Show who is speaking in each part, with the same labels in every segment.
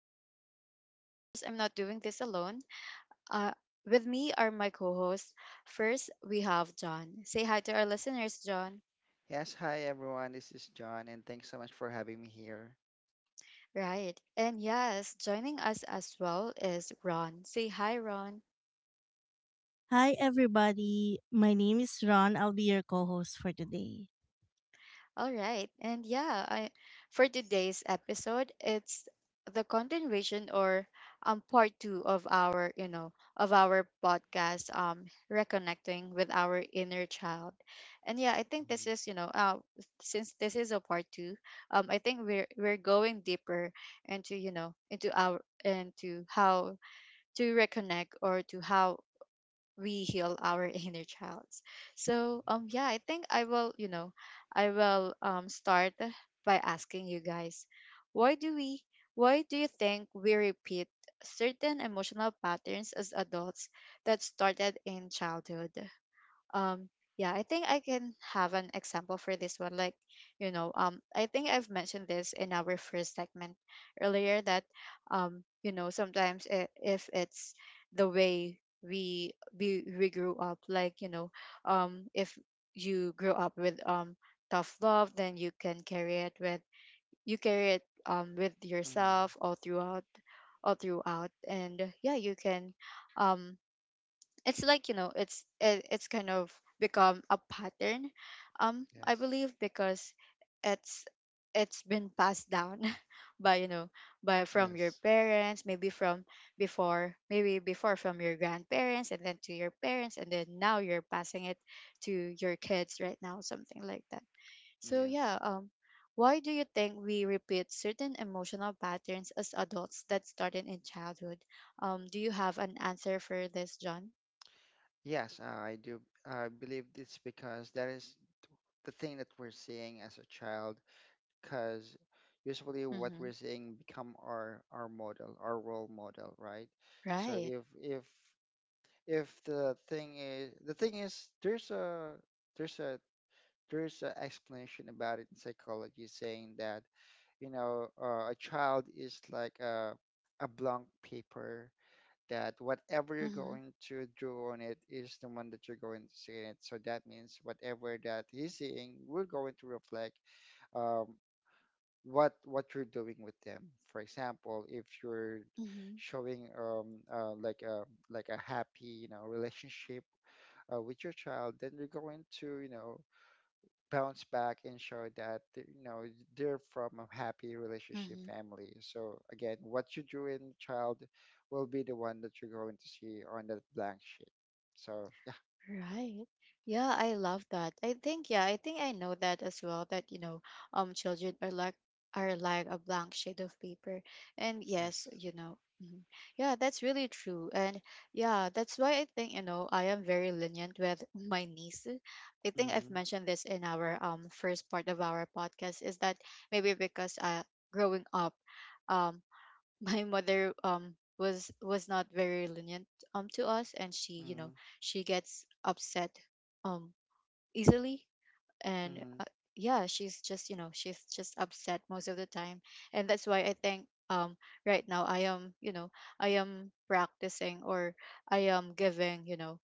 Speaker 1: guys. And of course, I'm not doing this alone. Uh, with me are my co hosts. First, we have John. Say hi to our listeners, John.
Speaker 2: Yes, hi everyone. This is John, and thanks so much for having me here.
Speaker 1: Right. And yes, joining us as well is Ron. Say hi, Ron.
Speaker 3: Hi everybody. My name is Ron. I'll be your co-host for today.
Speaker 1: All right. And yeah, for today's episode, it's the continuation or part 2 of our podcast reconnecting with our inner child. And yeah, I think this
Speaker 2: Mhm.
Speaker 1: is, you know, since this is a part 2, I think we're going deeper into, you know, into our into how to reconnect or to how we heal our inner childs. So yeah, I think I will start by asking you guys, why do we why do you think we repeat certain emotional patterns as adults that started in childhood? Um, yeah, I think I can have an example for this one. Like, I think I've mentioned this in our first segment earlier that, sometimes I if it's the way we grew up, like if you grew up with tough love, then you can carry it with you carry it with
Speaker 2: Mhm.
Speaker 1: yourself all throughout and yeah, you can um it's like it's kind of become a pattern I
Speaker 2: Yes,
Speaker 1: believe because it's it's been passed down by you know by from your
Speaker 2: yes,
Speaker 1: parents, maybe from before, maybe before from your grandparents, and then to your parents, and then now you're passing it to your kids right now, something like that. So
Speaker 2: yes,
Speaker 1: yeah, why do you think we repeat certain emotional patterns as adults that started in childhood? Do you have an answer for this, John?
Speaker 2: yes. I do. I believe it's because that is the thing that we're seeing as a child. Because usually, what
Speaker 1: Mhm.
Speaker 2: we're seeing become our model, our role model, right? So
Speaker 1: Right.
Speaker 2: if the thing is, there's a there's an explanation about it in psychology saying that, a child is like a blank paper, that whatever you're
Speaker 1: Mhm.
Speaker 2: going to draw on it is the one that you're going to see in it. So that means whatever that he's seeing, we're going to reflect um, what you're doing with them. For example, if you're
Speaker 1: Mhm.
Speaker 2: showing, like a happy, relationship, with your child, then you're going to, bounce back and show that they're from a happy relationship
Speaker 1: Mhm.
Speaker 2: family. So again, what you drew in the child will be the one that you're going to see on that blank sheet. So, yeah.
Speaker 1: Right. Yeah, I love that. I think I know that as well, that children are like a blank sheet of paper. And yes,
Speaker 2: Yes.
Speaker 1: mhm, yeah, that's really true. And yeah, that's why I think, I am very lenient with my niece. I think I've
Speaker 2: Mm-hmm.
Speaker 1: mentioned this in our first part of our podcast, is that maybe because growing up, um. my mother was not very lenient to us, and she you know
Speaker 2: Mm-hmm.
Speaker 1: she gets upset um easily, and
Speaker 2: Mm-hmm.
Speaker 1: yeah, she's just upset most of the time. And that's why I think, right now, I am practicing, or I am giving you know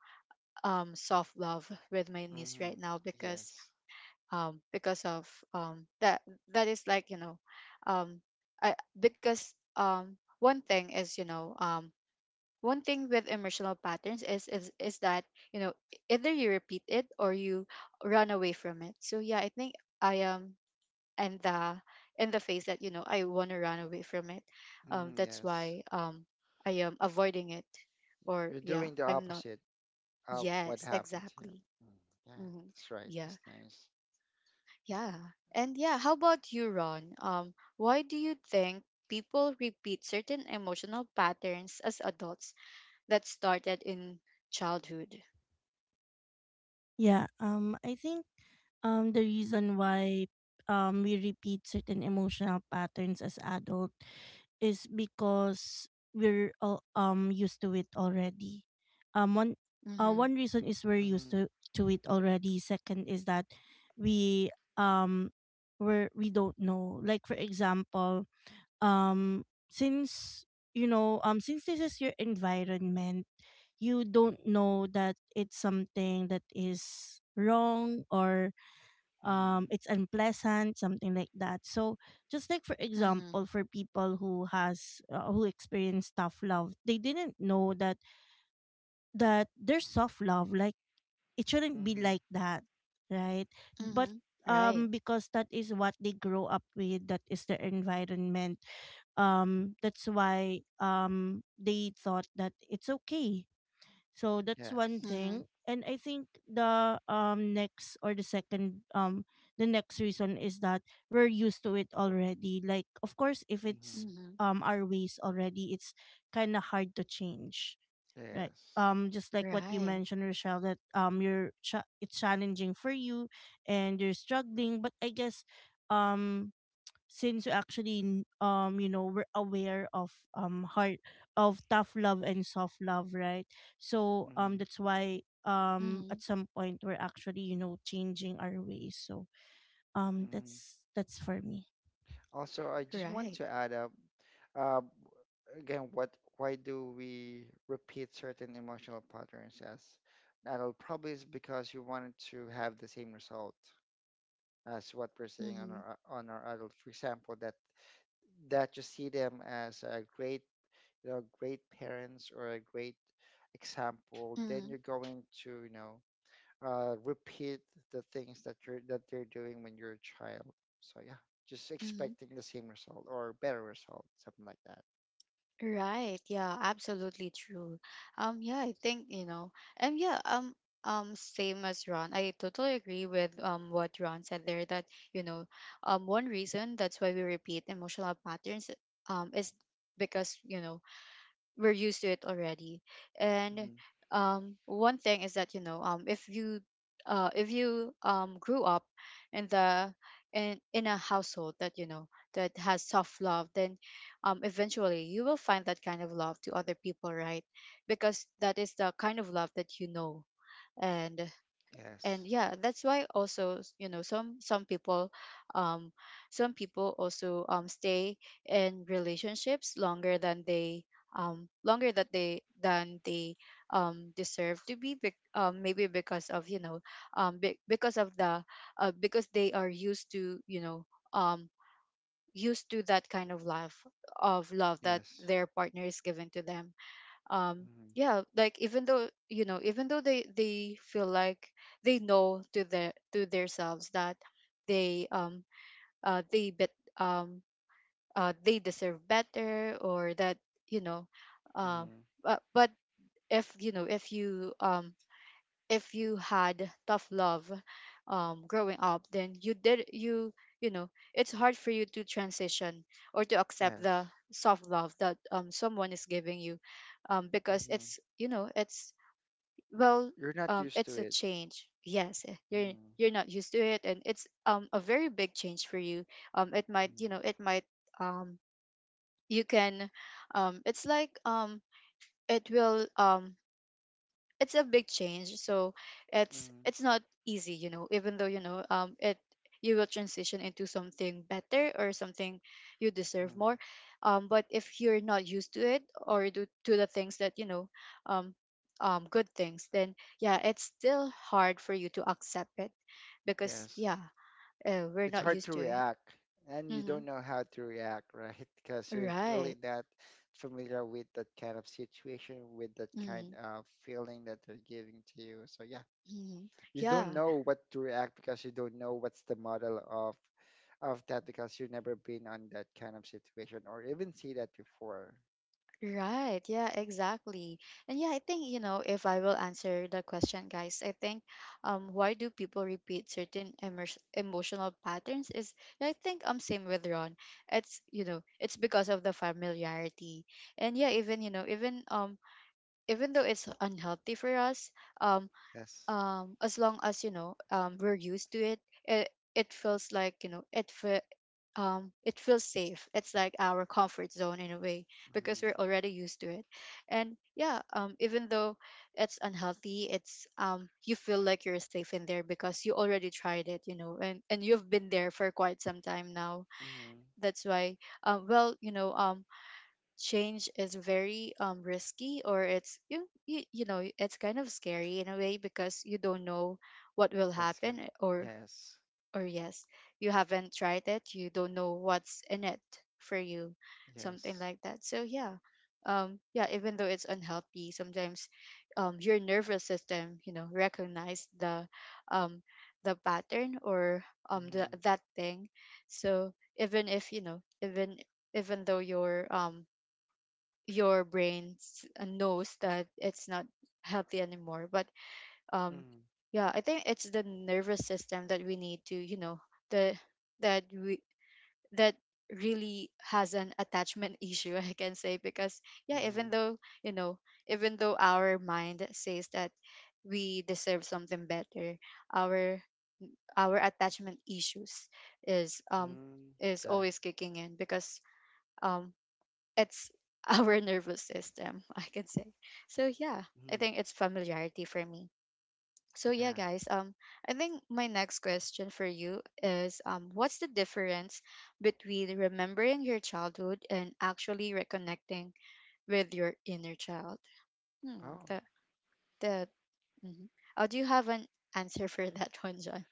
Speaker 1: um soft love with my niece
Speaker 2: Mm.
Speaker 1: right now
Speaker 2: Yes.
Speaker 1: because of um, that that is like um, because one thing is, one thing with emotional patterns is that you know either you repeat it or you run away from it. So yeah, I think I am in the in the phase that, I want to run away from it.
Speaker 2: Mm.
Speaker 1: That's
Speaker 2: Yes.
Speaker 1: why, I am avoiding it. Or
Speaker 2: You're
Speaker 1: yeah,
Speaker 2: doing the
Speaker 1: I'm not.
Speaker 2: opposite of what
Speaker 1: Yes,
Speaker 2: happened to you.
Speaker 1: exactly.
Speaker 2: Mm. Yeah,
Speaker 1: Hmm.
Speaker 2: that's right. That's
Speaker 1: Yeah.
Speaker 2: nice.
Speaker 1: Yeah. And yeah, how about you, Ron? Why do you think people repeat certain emotional patterns as adults that started in childhood?
Speaker 3: Yeah, I think the reason why we repeat certain emotional patterns as adult is because we're all, used to it already. Um one
Speaker 1: Mm-hmm.
Speaker 3: One reason is we're used
Speaker 2: Mm-hmm.
Speaker 3: to it already. Second is that we um we don't know. Like for example, um since since this is your environment you don't know that it's something that is wrong or
Speaker 2: Mm-hmm.
Speaker 3: it's unpleasant something like that. So just like for
Speaker 1: Mm-hmm.
Speaker 3: example for people who has who experience tough love, they didn't know that there's soft love, like it shouldn't be like
Speaker 2: Mm-hmm.
Speaker 3: that, right? But
Speaker 1: Mm-hmm. Right.
Speaker 3: because that is what they grow up with, that is their environment. That's why they thought that it's okay. So that's one
Speaker 2: Yes.
Speaker 3: thing.
Speaker 1: Mm-hmm.
Speaker 3: And I think the next or the second the next reason is that we're used to it already. Like of course if it's
Speaker 2: Mm-hmm.
Speaker 1: Mm-hmm.
Speaker 3: our ways already, it's kinda hard to change. Right.
Speaker 2: Yes.
Speaker 3: Just like what you
Speaker 1: Right.
Speaker 3: mentioned, Rochelle, that it's challenging for you and you're struggling. But I guess, um, since you you know, we're aware of heart of tough love and soft love, right? So that's why at
Speaker 1: Mm-hmm.
Speaker 3: some point we're actually, you know, changing our ways. So
Speaker 2: Mm-hmm.
Speaker 3: that's for me.
Speaker 2: Also, I just want to
Speaker 1: Right.
Speaker 2: add up, uh, again, what why do we repeat certain emotional patterns as adult? Probably is because you wanted to have the same result as what we're seeing on
Speaker 1: Mm-hmm.
Speaker 2: our adult. For example, that you see them as a great, great parents or a great example, then you're
Speaker 1: Mm-hmm.
Speaker 2: going to, repeat the things that, you're that they're doing when you're a child. So yeah, just
Speaker 1: Mm-hmm.
Speaker 2: expecting the same result or better result, something like that.
Speaker 1: Right. Yeah, absolutely true. Yeah, I think, and yeah, same as Ron. I totally agree with what Ron said there, that, you know, one reason that's why we repeat emotional patterns is because, we're used to it already. And
Speaker 2: Mm-hmm.
Speaker 1: one thing is that, if you grew up in the in a household that, that has tough love, then eventually you will find that kind of love to other people, right? Because that is the kind of love that you know. and and
Speaker 2: Yes.
Speaker 1: yeah, that's why also, some people, um some people also stay in relationships longer than they, longer that they than they deserve to be, maybe because of, because of the because they are used to, um used to that kind of life of love that
Speaker 2: Yes.
Speaker 1: their partner is giving to them. um
Speaker 2: Mm-hmm.
Speaker 1: yeah, like, even though, even though they, feel like they know to their, to themselves that they, they bet um they deserve better, or that, you know uh,
Speaker 2: Mm-hmm.
Speaker 1: but if you know, if you had tough love growing up, then you did, you know it's hard for you to transition or to accept
Speaker 2: Yes.
Speaker 1: the soft love that someone is giving you, because
Speaker 2: Mm-hmm.
Speaker 1: it's,
Speaker 2: You're,
Speaker 1: well,
Speaker 2: you're not used to
Speaker 1: it's a
Speaker 2: it.
Speaker 1: change. Yes, you're not used to it, and it's, a very big change for you. It might,
Speaker 2: Mm-hmm.
Speaker 1: it might, um, you can, it's like, it will, it's a big change. So it's
Speaker 2: Mm-hmm.
Speaker 1: it's not easy, even though, you know it you will transition into something better, or something you deserve
Speaker 2: Mm-hmm.
Speaker 1: more. But if you're not used to it, or do to the things that, um good things, then yeah, it's still hard for you to accept it, because
Speaker 2: Yes.
Speaker 1: yeah, we're
Speaker 2: It's
Speaker 1: not
Speaker 2: hard to
Speaker 1: used to it.
Speaker 2: react, and you
Speaker 1: Mm-hmm.
Speaker 2: don't know how to react, right? Because you're really
Speaker 1: Right.
Speaker 2: not familiar with that kind of situation, with that kind
Speaker 1: Mm-hmm.
Speaker 2: of feeling that they're giving to you. So yeah.
Speaker 1: Mm-hmm.
Speaker 2: You don't
Speaker 1: Yeah.
Speaker 2: know what to react because you don't know what's the model of that, because you've never been on that kind of situation or even see that before.
Speaker 1: Right. Yeah, exactly. And yeah, I think, you know, if I will answer the question, guys, I think, why do people repeat certain, emotional patterns is, yeah, I think I'm same with Ron. It's because of the familiarity. And yeah, even, you know, even even though it's unhealthy for us, um
Speaker 2: Yes.
Speaker 1: as long as, we're used to it, it it feels like, it feels safe. It's like our comfort zone, in a way, because
Speaker 2: Mm-hmm.
Speaker 1: we're already used to it. And yeah, even though it's unhealthy, it's you feel like you're safe in there, because you already tried it, and you've been there for quite some time now.
Speaker 2: Mm-hmm.
Speaker 1: That's why, well, change is very, risky, or it's you, you you know it's kind of scary, in a way, because you don't know what will
Speaker 2: What's
Speaker 1: happen,
Speaker 2: gonna?
Speaker 1: or
Speaker 2: Yes.
Speaker 1: yes, you haven't tried it, you don't know what's in it for you, something
Speaker 2: Yes.
Speaker 1: like that. So yeah, yeah, even though it's unhealthy, sometimes, your nervous system, recognize um, the pattern, or
Speaker 2: Mm-hmm.
Speaker 1: that thing. So even if you know, even though your brain, knows that it's not healthy anymore, but um yeah, I think it's the nervous system that we need to, the that we that really has an attachment issue, I can say. Because yeah,
Speaker 2: Mm-hmm.
Speaker 1: even though, you know even though our mind says that we deserve something better, our our attachment issues is um
Speaker 2: Mm-hmm.
Speaker 1: is
Speaker 2: Yeah.
Speaker 1: always kicking in. Because um it's our nervous system, I can say. So yeah, I
Speaker 2: Mm-hmm.
Speaker 1: think it's familiarity, for me. So yeah,
Speaker 2: Yeah.
Speaker 1: guys, I think my next question for you is, what's the difference between remembering your childhood, and actually reconnecting with your inner child? Hmm,
Speaker 2: Oh.
Speaker 1: the the mhm. Do you have an answer for that one, John?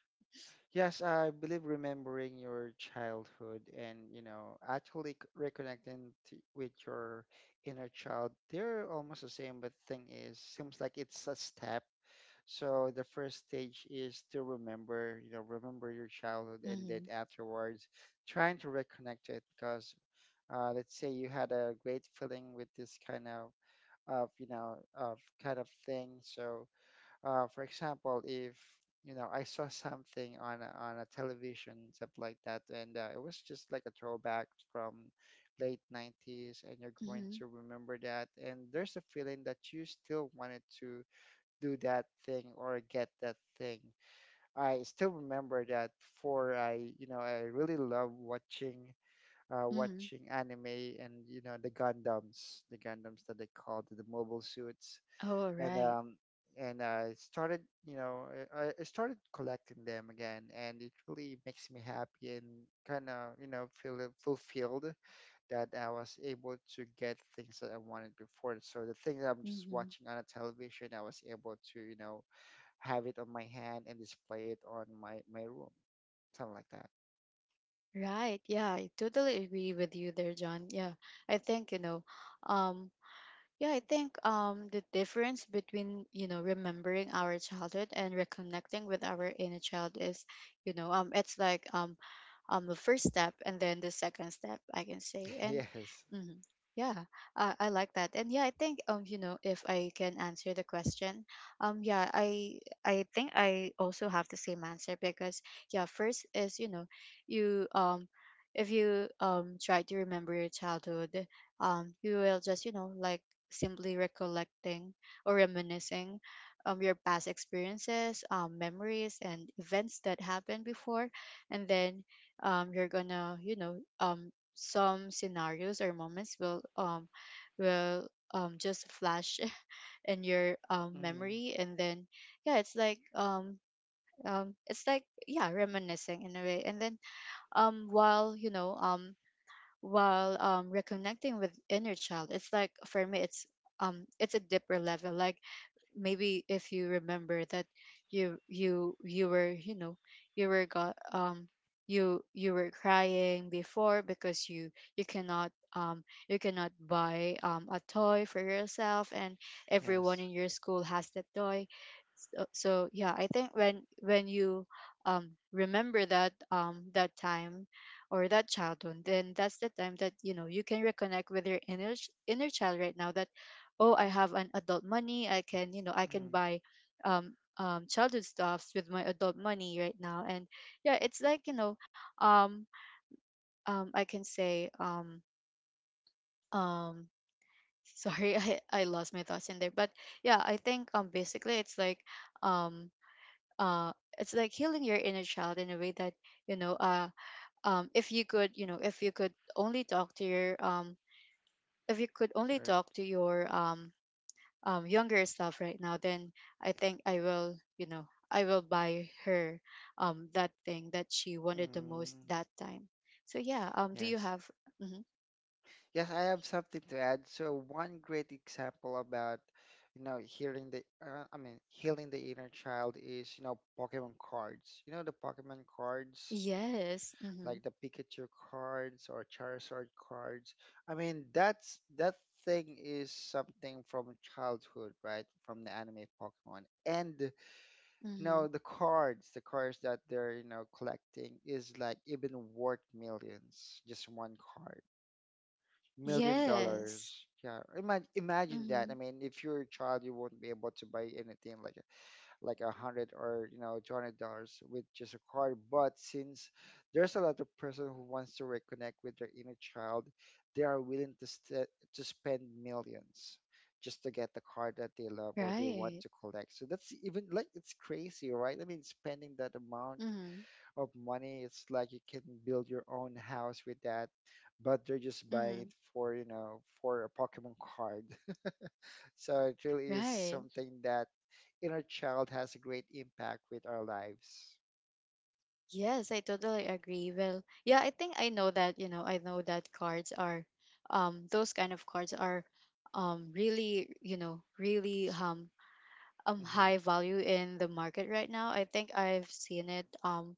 Speaker 2: Yes, I believe remembering your childhood and, actually reconnecting to, with your inner child, they're almost the same, but thing is, seems like it's a step. So the first stage is to remember, remember your childhood, and then
Speaker 1: Mhm.
Speaker 2: afterwards trying to reconnect to it, because, let's say you had a great feeling with this kind of you know of kind of thing. So, for example, if, I saw something on a television, stuff like that, and, it was just like a throwback from late 90s, and you're going
Speaker 1: Mhm.
Speaker 2: to remember that, and there's a feeling that you still wanted to do that thing or get that thing. I still remember that, for I really love watching, uh,
Speaker 1: Mhm.
Speaker 2: watching anime, and, the Gundams, that they called the mobile suits.
Speaker 1: Oh,
Speaker 2: And
Speaker 1: right.
Speaker 2: I started you know I started collecting them again, and it really makes me happy, and kind of, feel fulfilled that I was able to get things that I wanted before. So the things I'm just
Speaker 1: Mhm.
Speaker 2: watching on a television, I was able to, have it on my hand and display it on my room, something like that.
Speaker 1: Right. Yeah, I totally agree with you there, John. Yeah. I think, um the difference between, remembering our childhood and reconnecting with our inner child is, it's like, the first step, and then the second step, I can say. And
Speaker 2: Yes.
Speaker 1: mhm, yeah, I like that. And yeah, I think, if I can answer the question, yeah, I think I also have the same answer, because yeah, first is, you if you try to remember your childhood, you will just, like, simply recollecting or reminiscing your past experiences, memories, and events that happened before. And then, you're gonna, some scenarios or moments will just flash in your,
Speaker 2: Mm.
Speaker 1: memory. And then, yeah, it's like, reminiscing, in a way. And then, um, while, you know, um, while reconnecting with inner child, it's like for me it's a deeper level, like maybe if you remember that you were, you were got, you were crying before because you cannot, you cannot buy a toy for yourself, and everyone
Speaker 2: Yes.
Speaker 1: in your school has that toy. So yeah, I think when you remember that, that time or that childhood, then that's the time that you know you can reconnect with your inner child right now. That, oh, I have an adult money, I can, you know, I can
Speaker 2: Mm,
Speaker 1: buy childhood stuffs with my adult money right now. And yeah, it's like, you know, um I can say, um sorry, I lost my thoughts in there. But yeah, I think, basically it's like, um uh it's like healing your inner child in a way that, you know, if you could you know if you could only talk to your if you could only
Speaker 2: sorry.
Speaker 1: talk to your, younger self right now. Then I think I will, you know, I will buy her, that thing that she wanted the most
Speaker 2: Mm.
Speaker 1: that time. So yeah, do you
Speaker 2: Yes.
Speaker 1: have? Hmm.
Speaker 2: Yes, I have something to add. So one great example about, I mean, healing the inner child is, Pokemon cards. The Pokemon cards,
Speaker 1: Yes. Mm-hmm.
Speaker 2: like the Pikachu cards or Charizard cards. I mean, that thing is something from childhood, right? From the anime Pokemon. And,
Speaker 1: Mm-hmm.
Speaker 2: the cards that they're, collecting, is like even worth millions, just one card, million
Speaker 1: Yes.
Speaker 2: dollars. Yeah, imagine that.
Speaker 1: Mm-hmm.
Speaker 2: I mean, if you're a child, you won't be able to buy anything like a hundred or, $200 with just a card. But since there's a lot of person who wants to reconnect with their inner child, they are willing to to spend millions just to get the card that they love or they want
Speaker 1: Right.
Speaker 2: to collect. So that's even like it's crazy, right? I mean, spending that amount
Speaker 1: Mm-hmm.
Speaker 2: of money. It's like you can build your own house with that, but they're just buying
Speaker 1: Mm-hmm.
Speaker 2: it for a Pokemon card. So it really is
Speaker 1: Right.
Speaker 2: something that inner child has a great impact with our lives.
Speaker 1: Yes, I totally agree. Well, yeah, I think I know that, you know, I know that cards are, those kind of cards are, really, you know, really,
Speaker 2: Mm-hmm.
Speaker 1: high value in the market right now. I think I've seen it um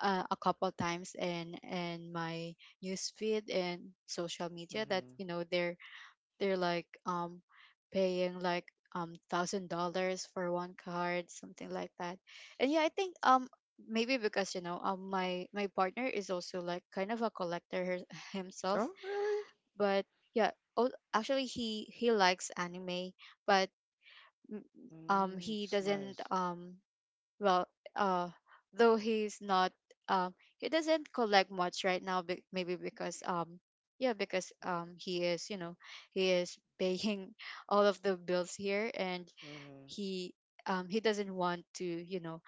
Speaker 1: uh, a couple times in my news feed and social media, that,
Speaker 2: Mm-hmm.
Speaker 1: you know, they're like, paying like, $1,000 for one card, something like that. And yeah, I think, maybe because, you know, my partner is also like kind of a collector her, himself.
Speaker 2: Oh, really?
Speaker 1: But yeah. Oh, actually he likes anime. But, mm,
Speaker 2: Mm,
Speaker 1: he
Speaker 2: it's
Speaker 1: doesn't,
Speaker 2: nice.
Speaker 1: well, uh though he's not, um he doesn't collect much right now, maybe because, yeah, because, he is, you know, he is paying all of the bills here. And
Speaker 2: Mm-hmm.
Speaker 1: he, he doesn't want to, you know,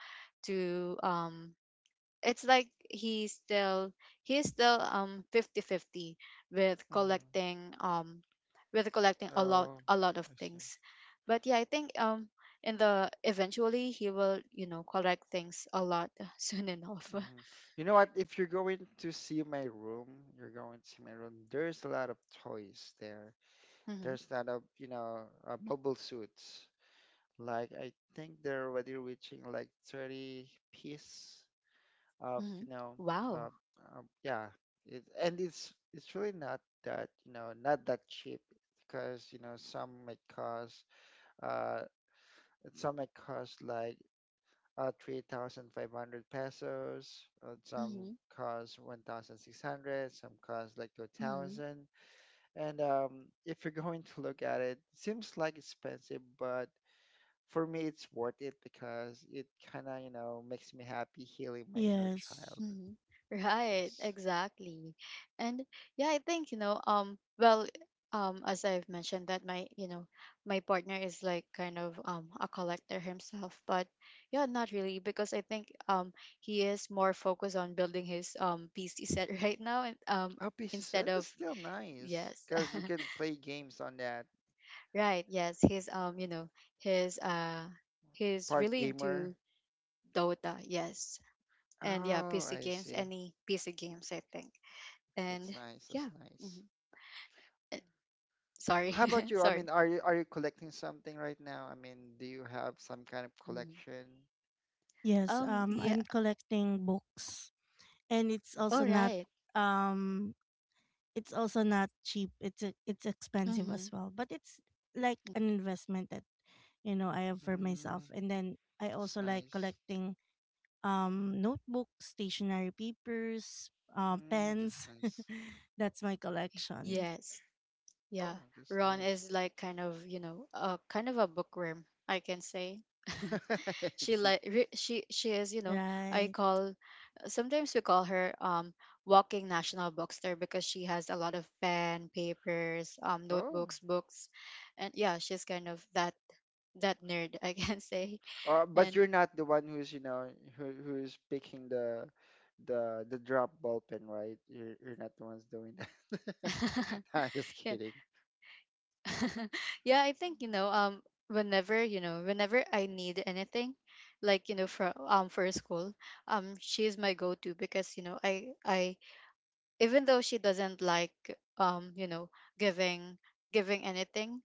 Speaker 1: to, it's like he's still fifty fifty with
Speaker 2: Mm-hmm.
Speaker 1: collecting, with collecting a lot
Speaker 2: Oh,
Speaker 1: a lot of
Speaker 2: I see.
Speaker 1: things. But yeah, I think, in the eventually he will, you know, collect things a lot soon enough.
Speaker 2: Mm-hmm. You know what? If you're going to see my room, you're going to see my room, there's a lot of toys there.
Speaker 1: Hmm.
Speaker 2: There's kind of, mobile suits. Like, I think they're already reaching like 30 piece of
Speaker 1: Hmm.
Speaker 2: you know
Speaker 1: Wow.
Speaker 2: uh, yeah it, And it's really not that, not that cheap, because, uh some might cost like, 3,500 pesos, some
Speaker 1: Hmm.
Speaker 2: cost 1,600, some cost like
Speaker 1: Hmm.
Speaker 2: 2,000. And, if you're going to look at it, seems like expensive, but for me, it's worth it because it kind of, makes me happy healing my inner
Speaker 3: Yes.
Speaker 2: child.
Speaker 1: Hmm. Right,
Speaker 2: Yes.
Speaker 1: exactly. And yeah, I think, you know, well, as I've mentioned, that my, you know, my partner is like kind of a collector himself, but yeah, not really, because I think, he is more focused on building his, PC set right now. And
Speaker 2: Oh, pieces.
Speaker 1: instead
Speaker 2: That
Speaker 1: of,
Speaker 2: is still nice
Speaker 1: yes.
Speaker 2: because you can play games on that.
Speaker 1: Right, yes, he's, you know, he's uh he's
Speaker 2: Part
Speaker 1: really
Speaker 2: gamer.
Speaker 1: into Dota, yes. And yeah,
Speaker 2: Oh,
Speaker 1: PC
Speaker 2: I
Speaker 1: games,
Speaker 2: see.
Speaker 1: any PC games, I think.
Speaker 2: That's
Speaker 1: And
Speaker 2: nice. That's
Speaker 1: yeah.
Speaker 2: nice.
Speaker 1: Mhm. Uh, Sorry,
Speaker 2: How about you? I
Speaker 1: sorry.
Speaker 2: mean, are you collecting something right now? I mean, do you have some kind of
Speaker 1: Mhm.
Speaker 2: collection?
Speaker 3: Yes.
Speaker 1: Yeah,
Speaker 3: I'm collecting books, and
Speaker 2: Oh,
Speaker 1: all
Speaker 2: books.
Speaker 1: right.
Speaker 3: um it's also not cheap. It's expensive as
Speaker 1: Mm-hmm.
Speaker 3: well, but it's like an investment that, you know, I have for
Speaker 2: Mm,
Speaker 3: myself. And then I
Speaker 2: that's
Speaker 3: also like
Speaker 2: nice.
Speaker 3: collecting notebooks, stationery papers,
Speaker 2: Mm, that's
Speaker 3: pens.
Speaker 2: nice.
Speaker 3: That's my collection.
Speaker 1: Yes, yeah,
Speaker 2: Oh, that's
Speaker 1: Ron
Speaker 2: nice.
Speaker 1: is like kind of, you know, kind of a bookworm, I can say.
Speaker 2: I see.
Speaker 1: She is, you know, I
Speaker 3: Right.
Speaker 1: call sometimes we call her, walking national bookster, because she has a lot of pen, papers,
Speaker 2: Oh,
Speaker 1: notebooks, books. And yeah, she's kind of that nerd, I can say.
Speaker 2: but
Speaker 1: And
Speaker 2: you're not the one who's, who's picking the drop ball pen, right? You're not the ones doing that. Nah, just
Speaker 1: yeah.
Speaker 2: kidding.
Speaker 1: Yeah, I think, you know, whenever, you know, whenever I need anything, like, you know, for school, she is my go-to, because, you know, I even though she doesn't like, you know, giving giving anything,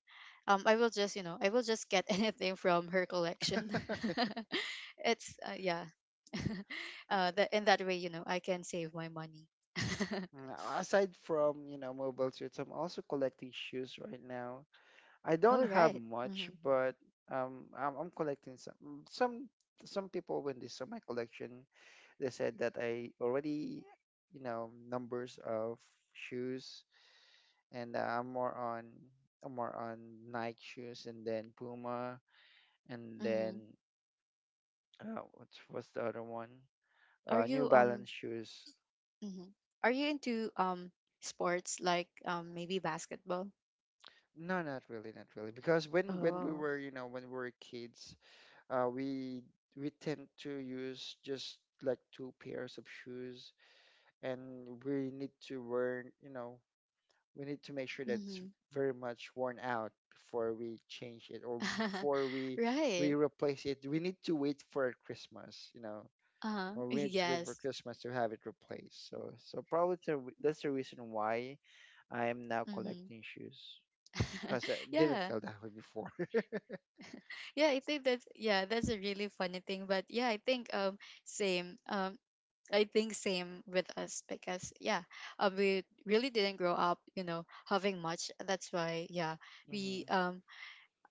Speaker 1: I will just, you know, I will just get anything from her collection. It's, yeah,
Speaker 2: Uh,
Speaker 1: that in that way, you know, I can save my money.
Speaker 2: Aside from, mobile suits, I'm also collecting shoes right now. I don't
Speaker 1: All
Speaker 2: have
Speaker 1: right.
Speaker 2: much,
Speaker 1: Mm-hmm.
Speaker 2: but, I'm collecting some. Some some people, when they saw my collection, they said that I already, numbers of shoes, and, I'm more on Nike shoes, and then Puma, and
Speaker 1: Mm-hmm.
Speaker 2: then, what was the other one?
Speaker 1: Are
Speaker 2: New
Speaker 1: you
Speaker 2: Balance shoes.
Speaker 1: Mhm. Are you into, sports, like, maybe basketball?
Speaker 2: No, not really, not really. Because when we
Speaker 1: Oh.
Speaker 2: were, you know, when we were kids, uh, we we tend to use just like two pairs of shoes, and we need to wear, we need to make sure that's
Speaker 1: Mm-hmm.
Speaker 2: very much worn out before we change it or before we
Speaker 1: Right.
Speaker 2: replace it. We need to wait for Christmas,
Speaker 1: Uh-huh.
Speaker 2: or we need to wait for
Speaker 1: Yes.
Speaker 2: Christmas to have it replaced. So probably it's that's the reason why I am now
Speaker 1: Mm-hmm.
Speaker 2: collecting shoes, because I didn't
Speaker 1: Yeah.
Speaker 2: feel that way before.
Speaker 1: Yeah, I think that's, yeah, that's a really funny thing. But yeah, I think, same. I think same with us, because yeah, we really didn't grow up, you know, having much. That's why, yeah, we
Speaker 2: Hmm.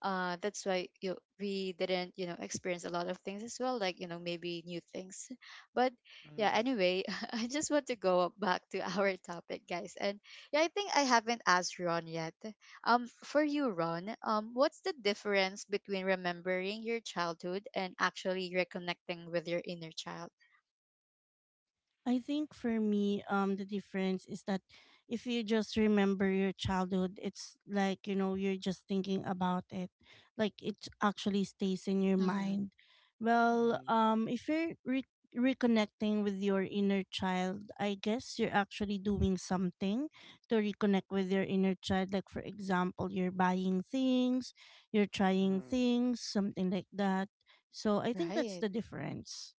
Speaker 1: that's why you we didn't, you know, experience a lot of things as well, like, you know, maybe new things. But yeah,
Speaker 2: Hmm.
Speaker 1: anyway, I just want to go up back to our topic, guys. And yeah, I think I haven't asked Ron yet. For you, Ron, what's the difference between remembering your childhood and actually reconnecting with your inner child?
Speaker 3: I think for me, the difference is that if you just remember your childhood, it's like, you know, you're just thinking about it. Like it actually stays in your
Speaker 1: Mm-hmm.
Speaker 3: mind. Well,
Speaker 2: Hmm.
Speaker 3: if you're reconnecting with your inner child, I guess you're actually doing something to reconnect with your inner child. Like, for example, you're buying things, you're trying
Speaker 2: Hmm.
Speaker 3: things, something like that. So I think that's
Speaker 1: Right.
Speaker 3: the difference.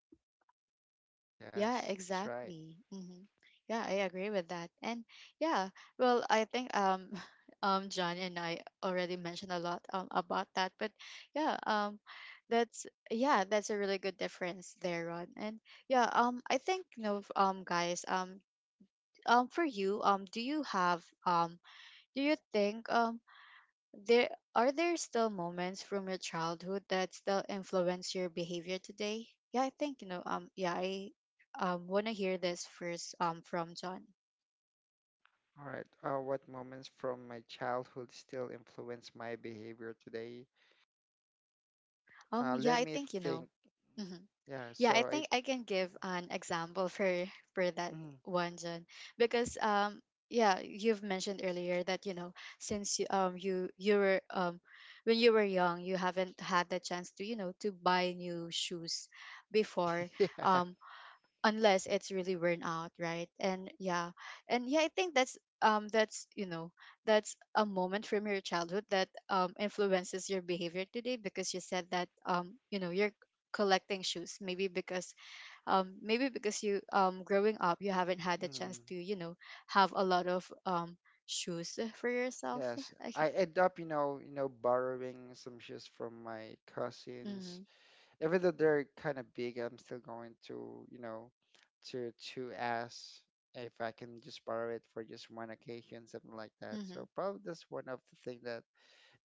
Speaker 1: Yeah,
Speaker 2: Yes, that's right.
Speaker 1: exactly. Hmm. Yeah, I agree with that. And yeah, well, I think, John and I already mentioned a lot, about that. But yeah, that's, yeah, that's a really good difference there, Ron. And yeah, I think, you know, guys, for you, do you think, there are there still moments from your childhood that still influence your behavior today? Yeah, I think, you know. Yeah, I want to hear this first. From John.
Speaker 2: All right. What moments from my childhood still influence my behavior today?
Speaker 1: Yeah,
Speaker 2: Let
Speaker 1: I
Speaker 2: me
Speaker 1: think, you know.
Speaker 2: think.
Speaker 1: Hmm.
Speaker 2: Yeah,
Speaker 1: Yeah, I
Speaker 2: so I
Speaker 1: think I can give an example for that
Speaker 2: mm,
Speaker 1: one, John, because, yeah, you've mentioned earlier that, you know, since you you you were when you were young, you haven't had the chance to, you know, to buy new shoes before,
Speaker 2: yeah.
Speaker 1: um unless it's really worn out, right? And yeah, and yeah, I think that's, that's, you know, that's a moment from your childhood that influences your behavior today. Because you said that, you know, you're collecting shoes, maybe because, maybe because you growing up, you haven't had the chance
Speaker 2: mm,
Speaker 1: to, you know, have a lot of shoes for yourself.
Speaker 2: yes, I
Speaker 1: Okay.
Speaker 2: end up, borrowing some shoes from my cousins,
Speaker 1: Mm-hmm.
Speaker 2: even though they're kind of big. I'm still going to, to ask if I can just borrow it for just one occasion, something like that.
Speaker 1: Mm-hmm.
Speaker 2: So probably that's one of the thing that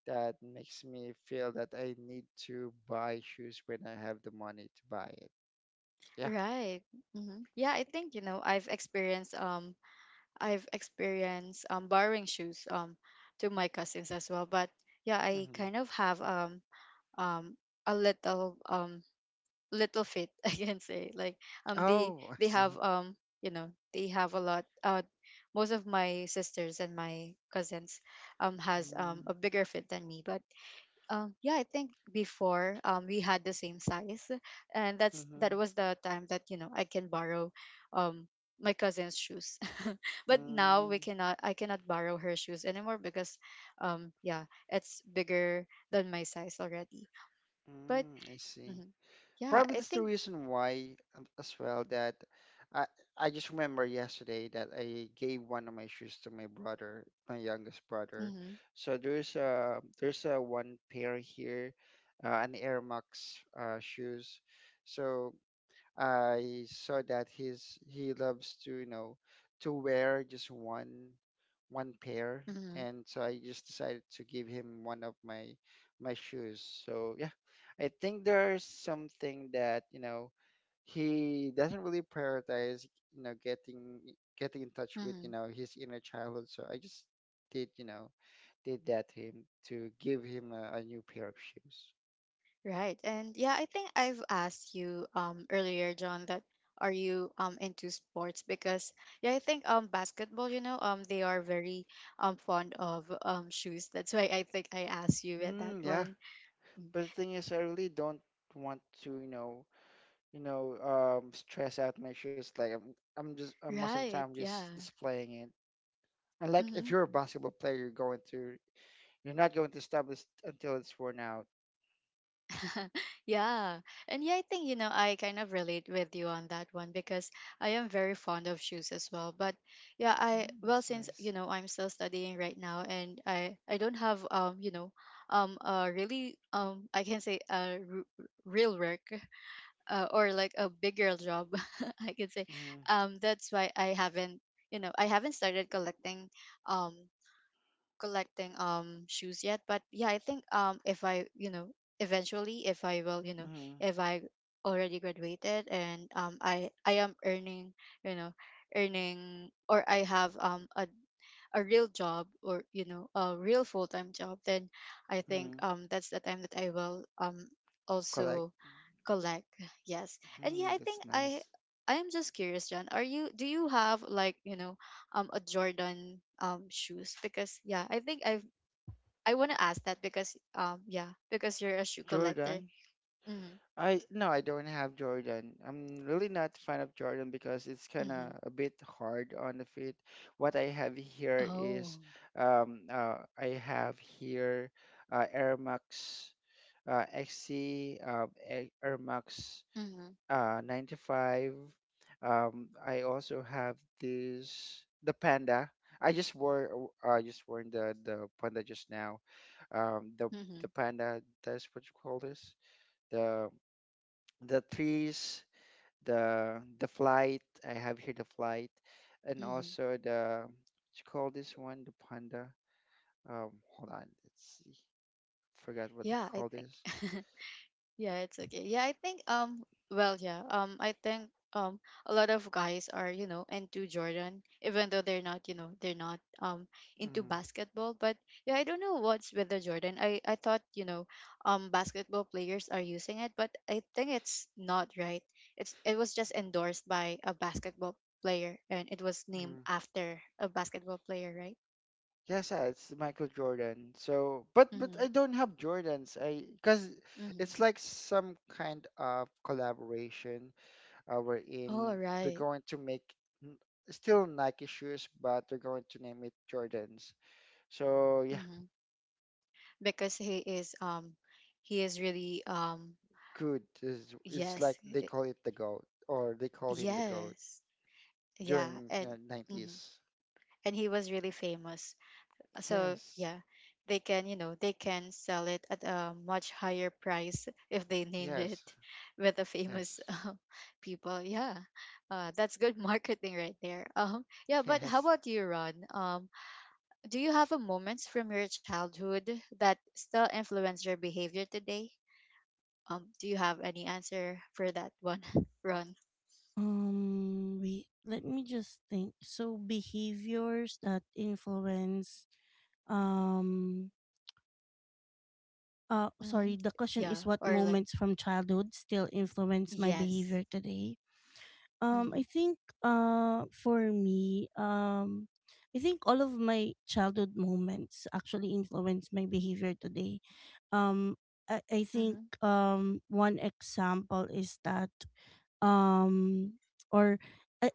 Speaker 2: that makes me feel that I need to buy shoes when I have the money to buy it. Yeah.
Speaker 1: Right. Mm-hmm. Yeah, I think, you know, I've experienced, borrowing shoes, to my cousins as well. But yeah, I
Speaker 2: Hmm.
Speaker 1: kind of have, um, a little, little fit, I can say. Like, they
Speaker 2: Oh. I
Speaker 1: they
Speaker 2: see.
Speaker 1: have, you know, they have a lot. Most of my sisters and my cousins, has,
Speaker 2: Mm-hmm.
Speaker 1: a bigger fit than me, but, yeah, I think before, we had the same size, and that was the time that, you know, I can borrow, um, my cousin's shoes, but now we
Speaker 2: Mm-hmm.
Speaker 1: cannot. I cannot borrow her shoes anymore, because, yeah, it's bigger than my size already. But
Speaker 2: Mm, I see.
Speaker 1: mhm. Yeah,
Speaker 2: Probably
Speaker 1: I
Speaker 2: that's the
Speaker 1: think.
Speaker 2: reason why, as well, that I I just remember yesterday that I gave one of my shoes to my brother, my youngest brother.
Speaker 1: Mm-hmm,
Speaker 2: So there's a one pair here, an Air Max, shoes. So I saw that he loves to wear just one pair,
Speaker 1: mm-hmm,
Speaker 2: and so I just decided to give him one of my shoes. So yeah, I think there's something that, he doesn't really prioritize, you know, getting getting in touch with,
Speaker 1: mm-hmm.
Speaker 2: his inner childhood. So I just did, you know, did that to him, to give him a new pair of shoes.
Speaker 1: Right. And yeah, I think I've asked you, earlier, John, that are you, into sports? Because yeah, I think, basketball, you know, they are very, fond of, shoes. That's why I think I asked you with that
Speaker 2: Mm, yeah,
Speaker 1: one. Mm.
Speaker 2: but the thing is, I really don't want to stress out my shoes. Like, I'm just, most of the
Speaker 1: Right.
Speaker 2: time
Speaker 1: Yeah.
Speaker 2: just displaying it. And like,
Speaker 1: Mm-hmm.
Speaker 2: if you're a basketball player, you're not going to stop this until it's worn out.
Speaker 1: Yeah. And yeah, I think, you know, I kind of relate with you on that one, because I am very fond of shoes as well. But yeah, I,
Speaker 2: Mm,
Speaker 1: well,
Speaker 2: that's
Speaker 1: since, you
Speaker 2: nice.
Speaker 1: know, I'm still studying right now, and I don't have, you know, really, I can say, real work, or like a bigger job, I can say,
Speaker 2: Mm.
Speaker 1: that's why I haven't, you know, I haven't started collecting, um, collecting shoes yet. But yeah, I think, if I you know eventually if I will, you know,
Speaker 2: Mm.
Speaker 1: if I already graduated, and I am earning, you know, earning, or I have, a real job, or, you know, a real full-time job, then I think,
Speaker 2: Mm.
Speaker 1: that's the time that I will,
Speaker 2: Collect.
Speaker 1: also collect, yes. And yeah, I
Speaker 2: Mm,
Speaker 1: think
Speaker 2: that's nice.
Speaker 1: I am just curious, John, are you do you have, like, you know, a Jordan, shoes? Because yeah, I think I want to ask that, because, yeah, because you're a shoe collector.
Speaker 2: Jordan.
Speaker 1: Mm-hmm,
Speaker 2: I no, I don't have Jordan. I'm really not fan of Jordan because it's kind
Speaker 1: mm-hmm.
Speaker 2: of a bit hard on the feet. What I have here
Speaker 1: Oh.
Speaker 2: is, I have here Air Max XC, Air Max
Speaker 1: Mm-hmm,
Speaker 2: 95. I also have this, the Panda. I just wore, I just worn the Panda just now. Um, the, the
Speaker 1: mm-hmm,
Speaker 2: Panda, that's what you call this. The, the trees, the flight. I have here the flight. And
Speaker 1: mm-hmm.
Speaker 2: also the, what you call this one? The Panda. Hold on, let's see. Forgot what they
Speaker 1: Yeah, I
Speaker 2: call
Speaker 1: think.
Speaker 2: this.
Speaker 1: Yeah, it's okay. Yeah, I think, well, yeah, I think, a lot of guys are, you know, into Jordan, even though they're not, you know, they're not, into
Speaker 2: Mm,
Speaker 1: basketball. But yeah, I don't know what's with the Jordan. I thought, you know, basketball players are using it, but I think it's not right. It was just endorsed by a basketball player, and it was named
Speaker 2: mm.
Speaker 1: after a basketball player, right?
Speaker 2: Yes, yeah, it's Michael Jordan. So, but
Speaker 1: Mm-hmm.
Speaker 2: I don't have Jordans. I because
Speaker 1: Mm-hmm.
Speaker 2: it's like some kind of collaboration
Speaker 1: Oh,
Speaker 2: wherein they're
Speaker 1: right.
Speaker 2: going to make n- still Nike shoes, but they're going to name it Jordans. So yeah,
Speaker 1: Mm-hmm. Because he is really,
Speaker 2: good. It's like
Speaker 1: yes.
Speaker 2: they call it the GOAT, or they call him the GOAT
Speaker 1: Yes. Yeah.
Speaker 2: during
Speaker 1: And mhm.
Speaker 2: 90s.
Speaker 1: And he was really famous. So
Speaker 2: Yes,
Speaker 1: yeah, they can, you know, they can sell it at a much higher price if they name it
Speaker 2: yes,
Speaker 1: with a famous
Speaker 2: yes,
Speaker 1: people. Yeah. That's good marketing right there. Yeah, but how
Speaker 2: yes.
Speaker 1: about you, Ron? Do you have a moments from your childhood that still influence your behavior today? Do you have any answer for that one, Ron?
Speaker 3: Wait, let me just think. So behaviors that influence um
Speaker 1: Mhm.
Speaker 3: sorry, the question
Speaker 1: Yeah,
Speaker 3: is what
Speaker 1: or like,
Speaker 3: moments from childhood still influence my
Speaker 1: yes.
Speaker 3: behavior today? I
Speaker 1: Mhm.
Speaker 3: think for me, I think all of my childhood moments actually influence my behavior today. Um I think
Speaker 1: Mhm.
Speaker 3: one example is that um or uh,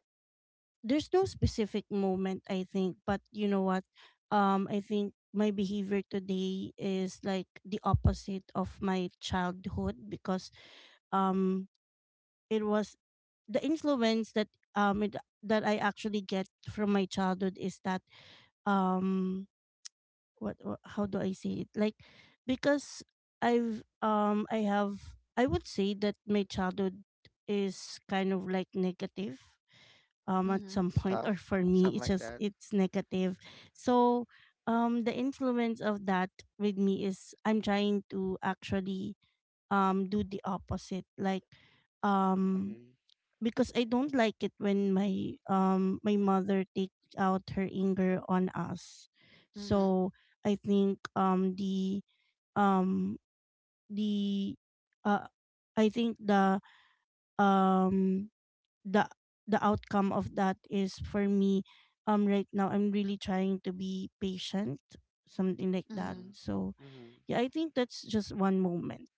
Speaker 3: there's no specific moment I think, but you know what? I think my behavior today is like the opposite of my childhood because um it was the influence that um it, that I actually get from my childhood is that um how do I say it, like because I have, I would say that my childhood is kind of like negative at
Speaker 1: Mhm.
Speaker 3: some point,
Speaker 2: Tough,
Speaker 3: or for me
Speaker 2: something
Speaker 3: it's
Speaker 2: like
Speaker 3: just
Speaker 2: that.
Speaker 3: it's negative. So the influence of that with me is I'm trying to actually do the opposite, like um
Speaker 2: Mm-hmm.
Speaker 3: because I don't like it when my mother takes out her anger on us.
Speaker 1: Mhm.
Speaker 3: So I think um the uh I think um the the outcome of that is for me right now I'm really trying to be patient, something like that.
Speaker 2: Mm-hmm.
Speaker 1: Mhm.
Speaker 3: So
Speaker 2: Mm-hmm.
Speaker 3: yeah, I think that's just one moment.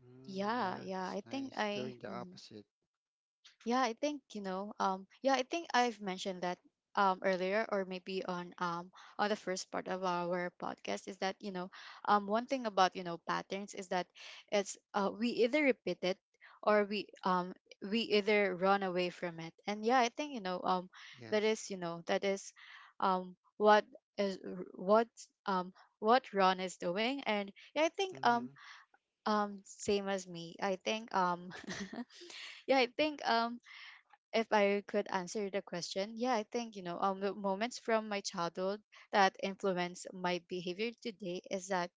Speaker 2: Mm,
Speaker 1: Yeah,
Speaker 2: yeah,
Speaker 1: yeah.
Speaker 2: it's
Speaker 1: I think
Speaker 2: nice.
Speaker 1: I
Speaker 2: Doing the
Speaker 1: mhm.
Speaker 2: opposite.
Speaker 1: Yeah, I think I've mentioned that earlier or maybe on the first part of our podcast is that, one thing about, you know, patterns is that it's we either repeat it or we either run away from it. And yeah, I think, that is,
Speaker 2: Yes.
Speaker 1: you know, that is what is what um Ron is doing. And yeah, I think
Speaker 2: Mm-hmm.
Speaker 1: same as me. I think yeah, I think if I could answer the question, yeah, I think the moments from my childhood that influence my behavior today is that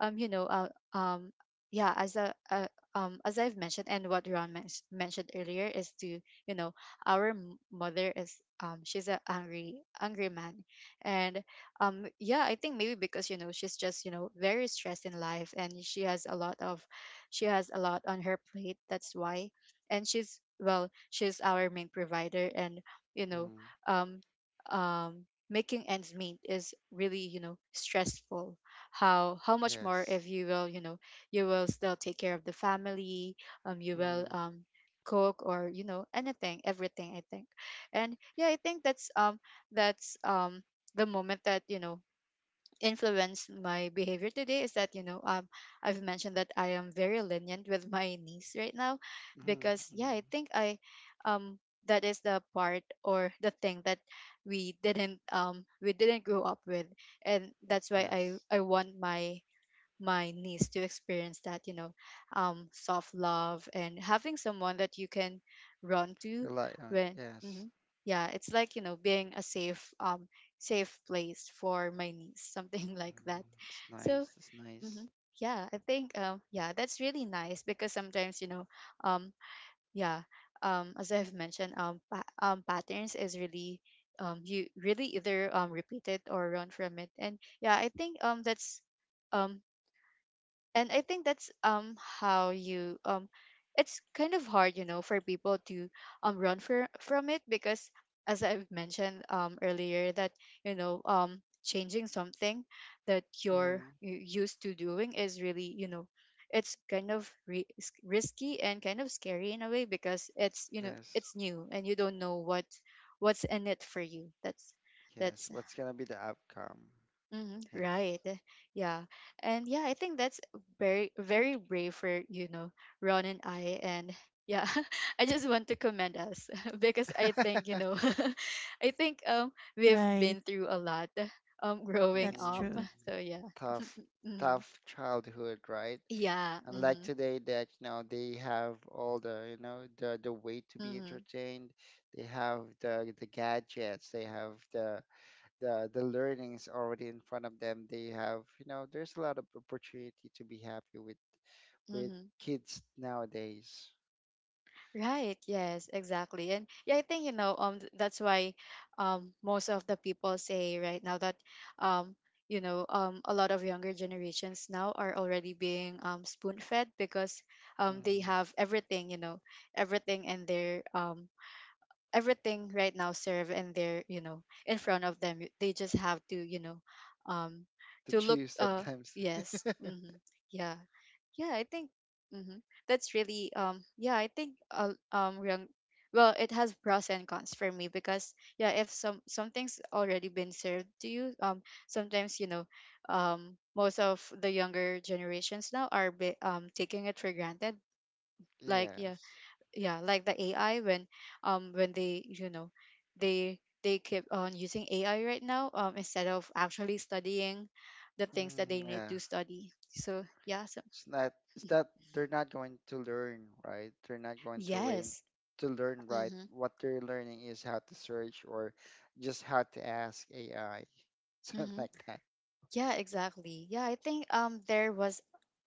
Speaker 1: um you know uh, um yeah as I've mentioned and what Ron mentioned earlier is to, you know, our mother is, she's a angry angry man. And yeah, I think maybe because, you know, she's just, you know, very stressed in life and she has a lot of, she has a lot on her plate. That's why, and she's, well, she's our main provider. And you know,
Speaker 2: Mm,
Speaker 1: um um making ends meet is really, you know, stressful. How much more if
Speaker 2: yes.
Speaker 1: you will, you know, you will still take care of the family. You will
Speaker 2: Mm-hmm.
Speaker 1: cook or, you know, anything, everything, I think. And yeah, I think that's that's um the moment that, you know, influenced my behavior today is that, you know, I've mentioned that I am very lenient with my niece right now
Speaker 2: Mm-hmm.
Speaker 1: because yeah,
Speaker 2: Mm,
Speaker 1: I think I um that is the part or the thing that we didn't, we didn't grow up with. And that's why I
Speaker 2: yes.
Speaker 1: I want my, my niece to experience that, you know, soft love and having someone that you can run to
Speaker 2: Rely on.
Speaker 1: when,
Speaker 2: Yes.
Speaker 1: mhm, yeah, it's like, you know, being a safe, safe place for my niece, something like that.
Speaker 2: Mm, it's
Speaker 1: So
Speaker 2: nice. It's
Speaker 1: mhm,
Speaker 2: nice.
Speaker 1: yeah, I think yeah, that's really nice because sometimes, you know, um yeah as I've mentioned, patterns is really, you really either repeat it or run from it. And yeah, I think that's um and I think that's, how you, it's kind of hard, you know, for people to run from it because as I've mentioned earlier that, you know, changing something that you're
Speaker 2: Mm,
Speaker 1: used to doing is really, you know, it's kind of risky and kind of scary in a way because it's, you know,
Speaker 2: yes.
Speaker 1: it's new and you don't know what, what's in it for you. that's
Speaker 2: Yes.
Speaker 1: that's
Speaker 2: What's gonna be the outcome?
Speaker 1: hmm,
Speaker 2: Yes.
Speaker 1: right. Yeah. And yeah, I think that's very, very brave for, you know, Ron and I. And yeah, I just want to commend us because I think, you know, I think we've
Speaker 3: Right.
Speaker 1: been through a lot growing
Speaker 3: That's
Speaker 1: up.
Speaker 2: mm,
Speaker 3: true.
Speaker 1: So yeah.
Speaker 2: tough,
Speaker 1: Mhm.
Speaker 2: tough childhood, right?
Speaker 1: Yeah.
Speaker 2: Unlike
Speaker 1: Mm-hmm.
Speaker 2: today that you know they have all the you know the way to be
Speaker 1: Mm-hmm.
Speaker 2: entertained they have the gadgets they have the the learnings already in front of them they have you know there's a lot of opportunity to be happy with
Speaker 1: Mm-hmm.
Speaker 2: kids nowadays
Speaker 1: Right. Yes, exactly. And yeah, I think, you know, that's why most of the people say right now that um a lot of younger generations now are already being spoon-fed because they
Speaker 2: mm,
Speaker 1: have everything, you know, everything in their everything right now served and they're, you know, in front of them. They just have to, you know, um
Speaker 2: to
Speaker 1: to look
Speaker 2: choose sometimes
Speaker 1: yes. Mhm. Yeah. Yeah, I think hmm, that's really yeah, I think young well, it has pros and cons for me because yeah, if something's already been served to you, sometimes, you know, most of the younger generations now are taking it for granted. Like yeah,
Speaker 2: yes
Speaker 1: yeah, like the AI when they, you know, they keep on using AI right now instead of actually studying the things that
Speaker 2: mm,
Speaker 1: they need
Speaker 2: yeah.
Speaker 1: to study. So yeah, so
Speaker 2: It's not it's that they're not going to learn, right? They're not going
Speaker 1: Yes.
Speaker 2: to learn right.
Speaker 1: Mm-hmm.
Speaker 2: What they're learning is how to search or just how to ask AI, something
Speaker 1: Mm-hmm.
Speaker 2: like that.
Speaker 1: Yeah, exactly. Yeah, I think there was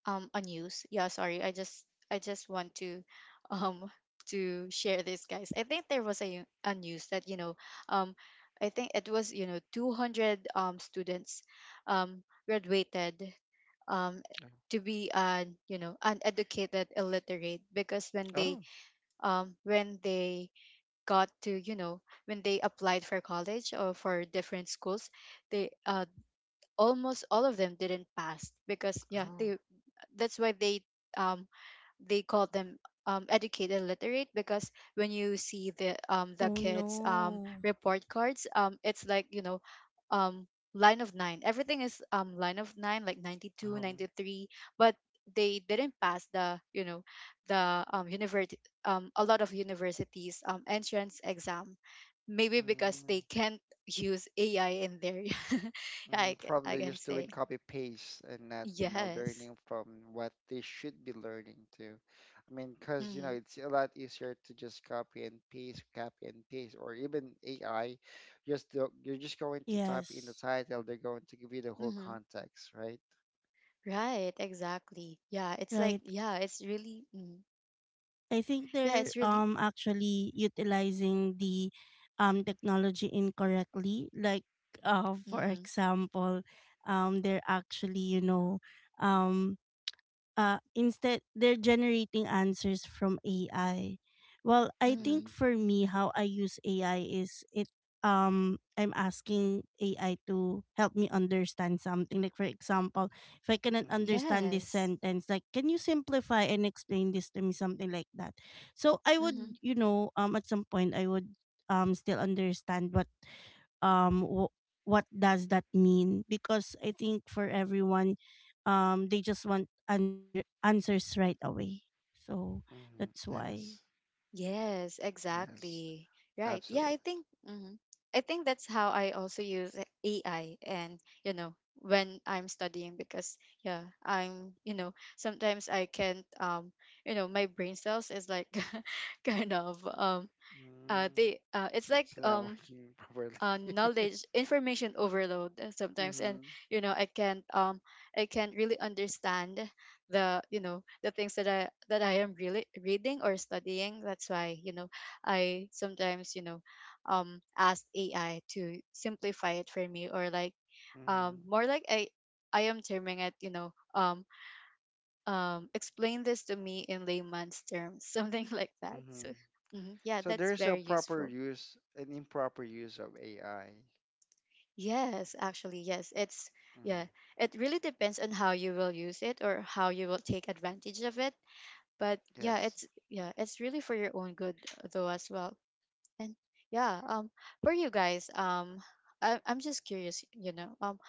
Speaker 1: a news. Yeah, sorry. I just, I just want to um to share this, guys. I think there was a news that, you know, um I think it was, you know, 200 students um graduated um to be an, you know, uneducated illiterate because
Speaker 2: Oh,
Speaker 1: when they got to, you know, when they applied for college or for different schools, they almost all of them didn't pass because yeah,
Speaker 2: oh,
Speaker 1: they, that's why um they call them educated literate because when you see the
Speaker 3: Oh
Speaker 1: kids
Speaker 3: no.
Speaker 1: report cards, it's like, you know, um, line of nine, everything is line of nine, like ninety two
Speaker 2: oh.
Speaker 1: ninety three but they didn't pass the, you know, the university, a lot of universities entrance exam, maybe
Speaker 2: Oh,
Speaker 1: because
Speaker 2: mm.
Speaker 1: they can't use AI in there. I
Speaker 2: Mm,
Speaker 1: I
Speaker 2: probably
Speaker 1: can
Speaker 2: just doing
Speaker 1: say,
Speaker 2: copy paste and not, you know,
Speaker 1: yes.
Speaker 2: learning from what they should be learning to. I mean, because, you know,
Speaker 1: Mm-hmm.
Speaker 2: it's a lot easier to just copy and paste, or even AI, just do, you're just going to type in the
Speaker 3: Yes.
Speaker 2: title, they're going to give you the whole
Speaker 1: Mm-hmm.
Speaker 2: context, right?
Speaker 1: Right, exactly. Yeah, it's like
Speaker 3: Right.
Speaker 1: yeah, it's really mm,
Speaker 3: I think
Speaker 1: yeah,
Speaker 3: they're
Speaker 1: it's really
Speaker 3: actually utilizing the technology incorrectly. Like for
Speaker 1: mhm.
Speaker 3: example, they're actually, you know, um instead they're generating answers from AI. Well, I think
Speaker 2: Mm-hmm.
Speaker 1: Mhm.
Speaker 3: for me, how I use AI is it I'm asking AI to help me understand something. Like for example, if I cannot
Speaker 2: Mm-hmm.
Speaker 3: understand this
Speaker 1: Yes.
Speaker 3: sentence, like can you simplify and explain this to me, something like that. So I would,
Speaker 1: Mhm.
Speaker 3: you know, at some point I would still understand what um w- what does that mean, because I think for everyone they just want answers right away, so
Speaker 2: Mm-hmm.
Speaker 3: that's why
Speaker 2: Yes.
Speaker 1: Yes,
Speaker 2: Yes.
Speaker 1: exactly. Right. Yeah,
Speaker 2: Absolutely.
Speaker 1: I think mhm. I think that's how I also use AI, and you know, when I'm studying because yeah, I'm, you know, sometimes I can't, you know, my brain cells is like kind of
Speaker 2: Mm.
Speaker 1: they it's like
Speaker 2: It's not working properly.
Speaker 1: knowledge information overload, sometimes.
Speaker 2: Mm-hmm.
Speaker 1: And you know, I can't I can't really understand the, you know, the things that I am really reading or studying. That's why, you know, I sometimes, you know, ask AI to simplify it for me, or like
Speaker 2: Mm-hmm.
Speaker 1: more like I am terming it, you know, explain this to me in layman's terms something like that.
Speaker 2: Mm-hmm.
Speaker 1: So mhm, yeah,
Speaker 2: So
Speaker 1: that's
Speaker 2: there's a
Speaker 1: very
Speaker 2: proper
Speaker 1: useful.
Speaker 2: use and improper use of AI.
Speaker 1: Yes, actually, yes. It's,
Speaker 2: Mm,
Speaker 1: yeah, it really depends on how you will use it or how you will take advantage of it. But yeah,
Speaker 2: yes.
Speaker 1: it's, yeah, it's really for your own good, though, as well. And yeah, for you guys, I, I'm just curious, you know,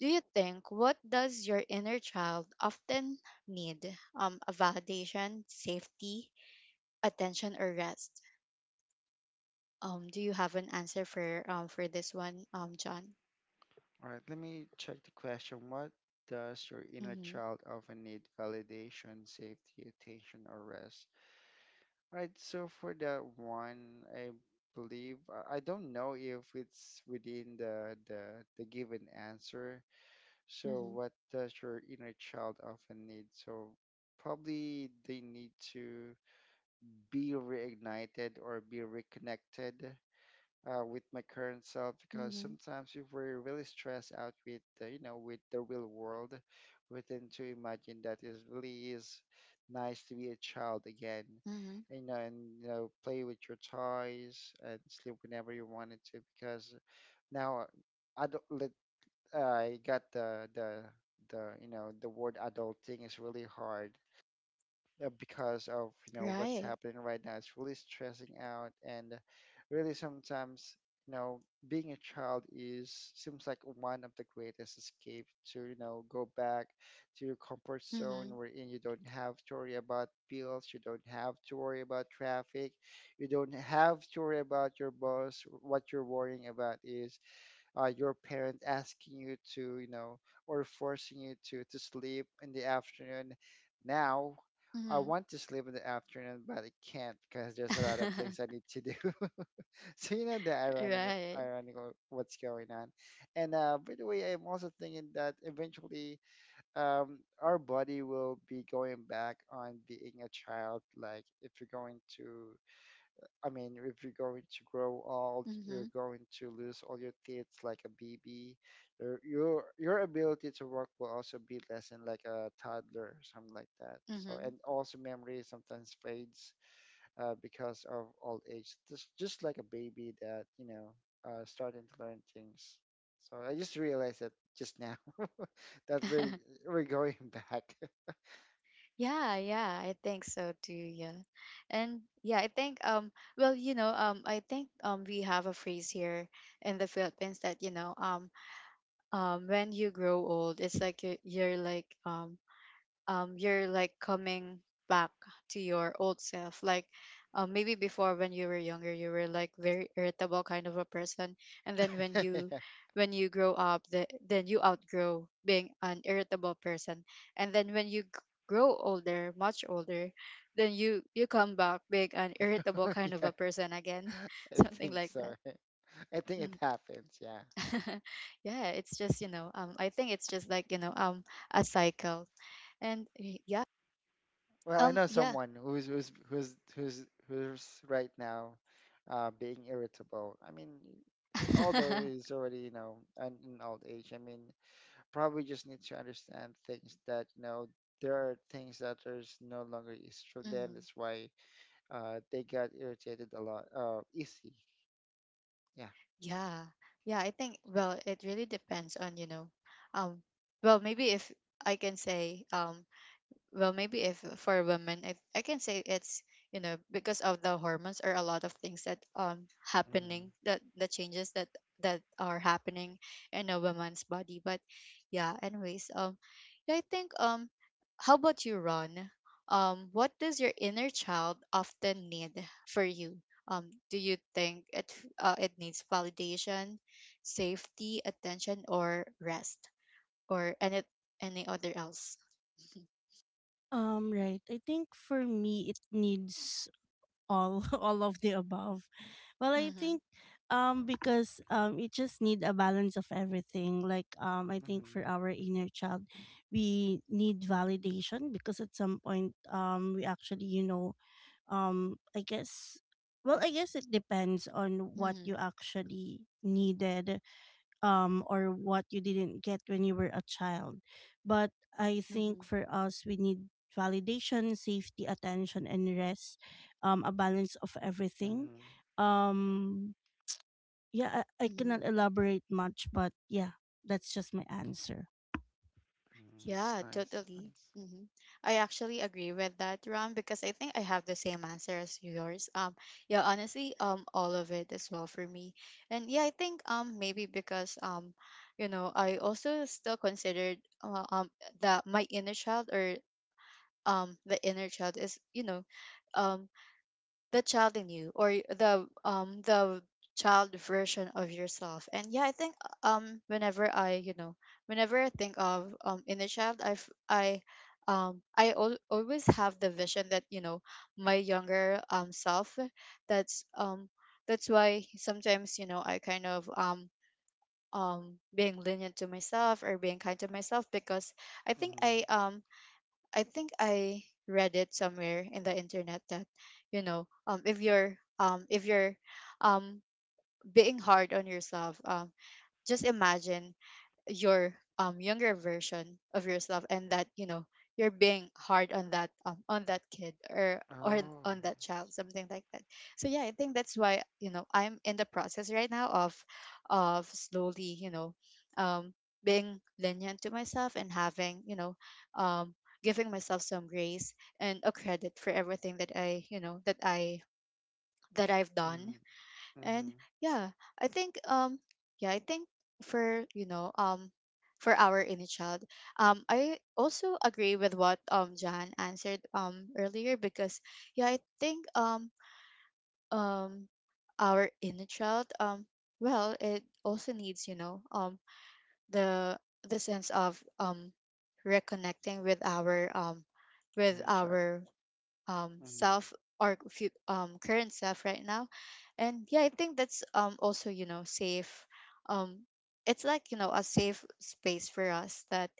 Speaker 1: do you think, what does your inner child often need? A validation, safety, attention, or rest? Do you have an answer for, for this one, John?
Speaker 2: All right, let me check the question. What does your inner
Speaker 1: Mhm.
Speaker 2: child often need? Validation, safety, attention, or rest? All right, so for that one, I believe I don't know if it's within the given answer. So
Speaker 1: Mhm.
Speaker 2: what does your inner child often need? So probably they need to be reignited or be reconnected with my current self because
Speaker 1: Mhm.
Speaker 2: sometimes if we're really stressed out with the, you know, with the real world we tend to imagine that it really is nice to be a child again
Speaker 1: Mhm.
Speaker 2: and, you know, and you know play with your toys and sleep whenever you wanted to because now adult let- I got the you know the word adulting is really hard because of you know what's
Speaker 1: Right.
Speaker 2: happening right now it's really stressing out and really sometimes you know being a child is seems like one of the greatest escape to you know go back to your comfort zone
Speaker 1: Mhm.
Speaker 2: wherein you don't have to worry about bills, you don't have to worry about traffic, you don't have to worry about your boss. What you're worrying about is your parents asking you to, you know, or forcing you to sleep in the afternoon. Now, I
Speaker 1: Mhm.
Speaker 2: want to sleep in the afternoon, but I can't because there's a lot of things I need to do. So you know the
Speaker 1: right.
Speaker 2: ironic of what's going on. And by the way, I'm also thinking that eventually our body will be going back on being a child. Like if you're going to, I mean, if you're going to grow old, you're
Speaker 1: Mhm.
Speaker 2: going to lose all your teeth like a baby. Your your ability to work will also be less than like a toddler, something like that. So, and
Speaker 1: Mhm.
Speaker 2: also memory sometimes fades because of old age, just like a baby that you know starting to learn things. So I just realized that just now that we we're going back.
Speaker 1: yeah, yeah, I think so too, yeah. And yeah, I think well, you know, I think we have a phrase here in the Philippines that, you know, when you grow old, it's like you, you're like coming back to your old self. Like maybe before when you were younger, you were like very irritable kind of a person, and then when
Speaker 2: yeah,
Speaker 1: you, when you grow up, the, then you outgrow being an irritable person, and then when you grow older, much older, then you come back being an irritable kind of
Speaker 2: yeah,
Speaker 1: a person again,
Speaker 2: I
Speaker 1: something
Speaker 2: think
Speaker 1: like
Speaker 2: so.
Speaker 1: that.
Speaker 2: I think it
Speaker 1: Mm.
Speaker 2: happens. Yeah.
Speaker 1: yeah, it's just, you know, I think it's just like, you know, a cycle. And yeah,
Speaker 2: Well, I know
Speaker 1: yeah.
Speaker 2: someone who's right now being irritable. I mean, although he's already, you know, an old age, I mean, probably just need to understand things that, you know, there are things that there's no longer is for them.
Speaker 1: Mhm.
Speaker 2: That's why they got irritated a lot, easy. Yeah.
Speaker 1: Yeah. Yeah, I think well, it really depends on, you know, um well, maybe if I can say well, maybe if for women, I can say it's, you know, because of the hormones or a lot of things that
Speaker 2: Mm-hmm.
Speaker 1: happening, that the changes that, that are happening in a woman's body. But yeah, anyways, yeah, I think how about you, Ron? What does your inner child often need for you? um do you think it, it needs validation, safety, attention, or rest? Or any other else?
Speaker 3: right. I think for me it needs all all of the above. Well, I
Speaker 1: Mm-hmm.
Speaker 3: think because it just need a balance of everything, like I think
Speaker 2: Mm-hmm.
Speaker 3: for our inner child we need validation because at some point we actually, you know, um i guess well, I guess it depends on what you
Speaker 1: Mhm,
Speaker 3: actually needed or what you didn't get when you were a child. But I think
Speaker 1: mhm,
Speaker 3: for us we need validation, safety, attention, and rest, a balance of everything.
Speaker 2: Mm-hmm.
Speaker 3: um yeah, I
Speaker 1: mhm.
Speaker 3: cannot elaborate much, but yeah, that's just my answer.
Speaker 2: It's
Speaker 1: Yeah,
Speaker 2: nice. It's
Speaker 1: totally.
Speaker 2: nice.
Speaker 1: Mhm. I actually agree with that, Ram, because I think I have the same answer as yours. Yeah, honestly, all of it as well for me. And yeah, I think maybe because I also still considered uh, um that my inner child or the inner child is um the child in you or the child version of yourself. And yeah, I think whenever I, whenever I think of inner child, I always have the vision that you know my younger self. that's um that's why sometimes you know I kind of being lenient to myself or being kind to myself, because i think
Speaker 2: Mm-hmm.
Speaker 1: i um I think I read it somewhere in the internet that you know um if you're if you're um being hard on yourself, just imagine your younger version of yourself and that you know you're being hard on that kid or
Speaker 2: Oh.
Speaker 1: on that child, something like that. So yeah, I think that's why you know I'm in the process right now of slowly you know um being lenient to myself and having you know um giving myself some grace and a credit for everything that I, that I've
Speaker 2: Mm-hmm.
Speaker 1: done. And
Speaker 2: Mm-hmm.
Speaker 1: yeah, I think um yeah, I think for you know for our inner child, I also agree with what Jan answered earlier, because yeah, I think um our inner child, well, it also needs the sense of reconnecting with
Speaker 2: Inner child.
Speaker 1: our self, or current self right now. And yeah, I think that's also you know safe. um it's like you know a safe space for us, that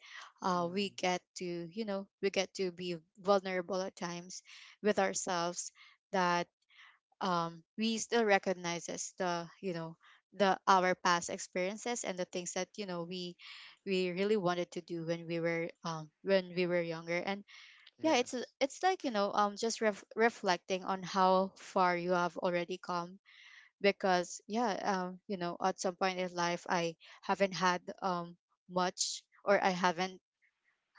Speaker 1: we
Speaker 2: Mm-hmm.
Speaker 1: get to we get to be vulnerable at times with ourselves, that we still recognize as the our past experiences and the things that you know we really wanted to do when we were younger. And yeah,
Speaker 2: Yes.
Speaker 1: it's like you know just reflecting on how far you have already come, because yeah, you know, at some point in life, I haven't had much, or I haven't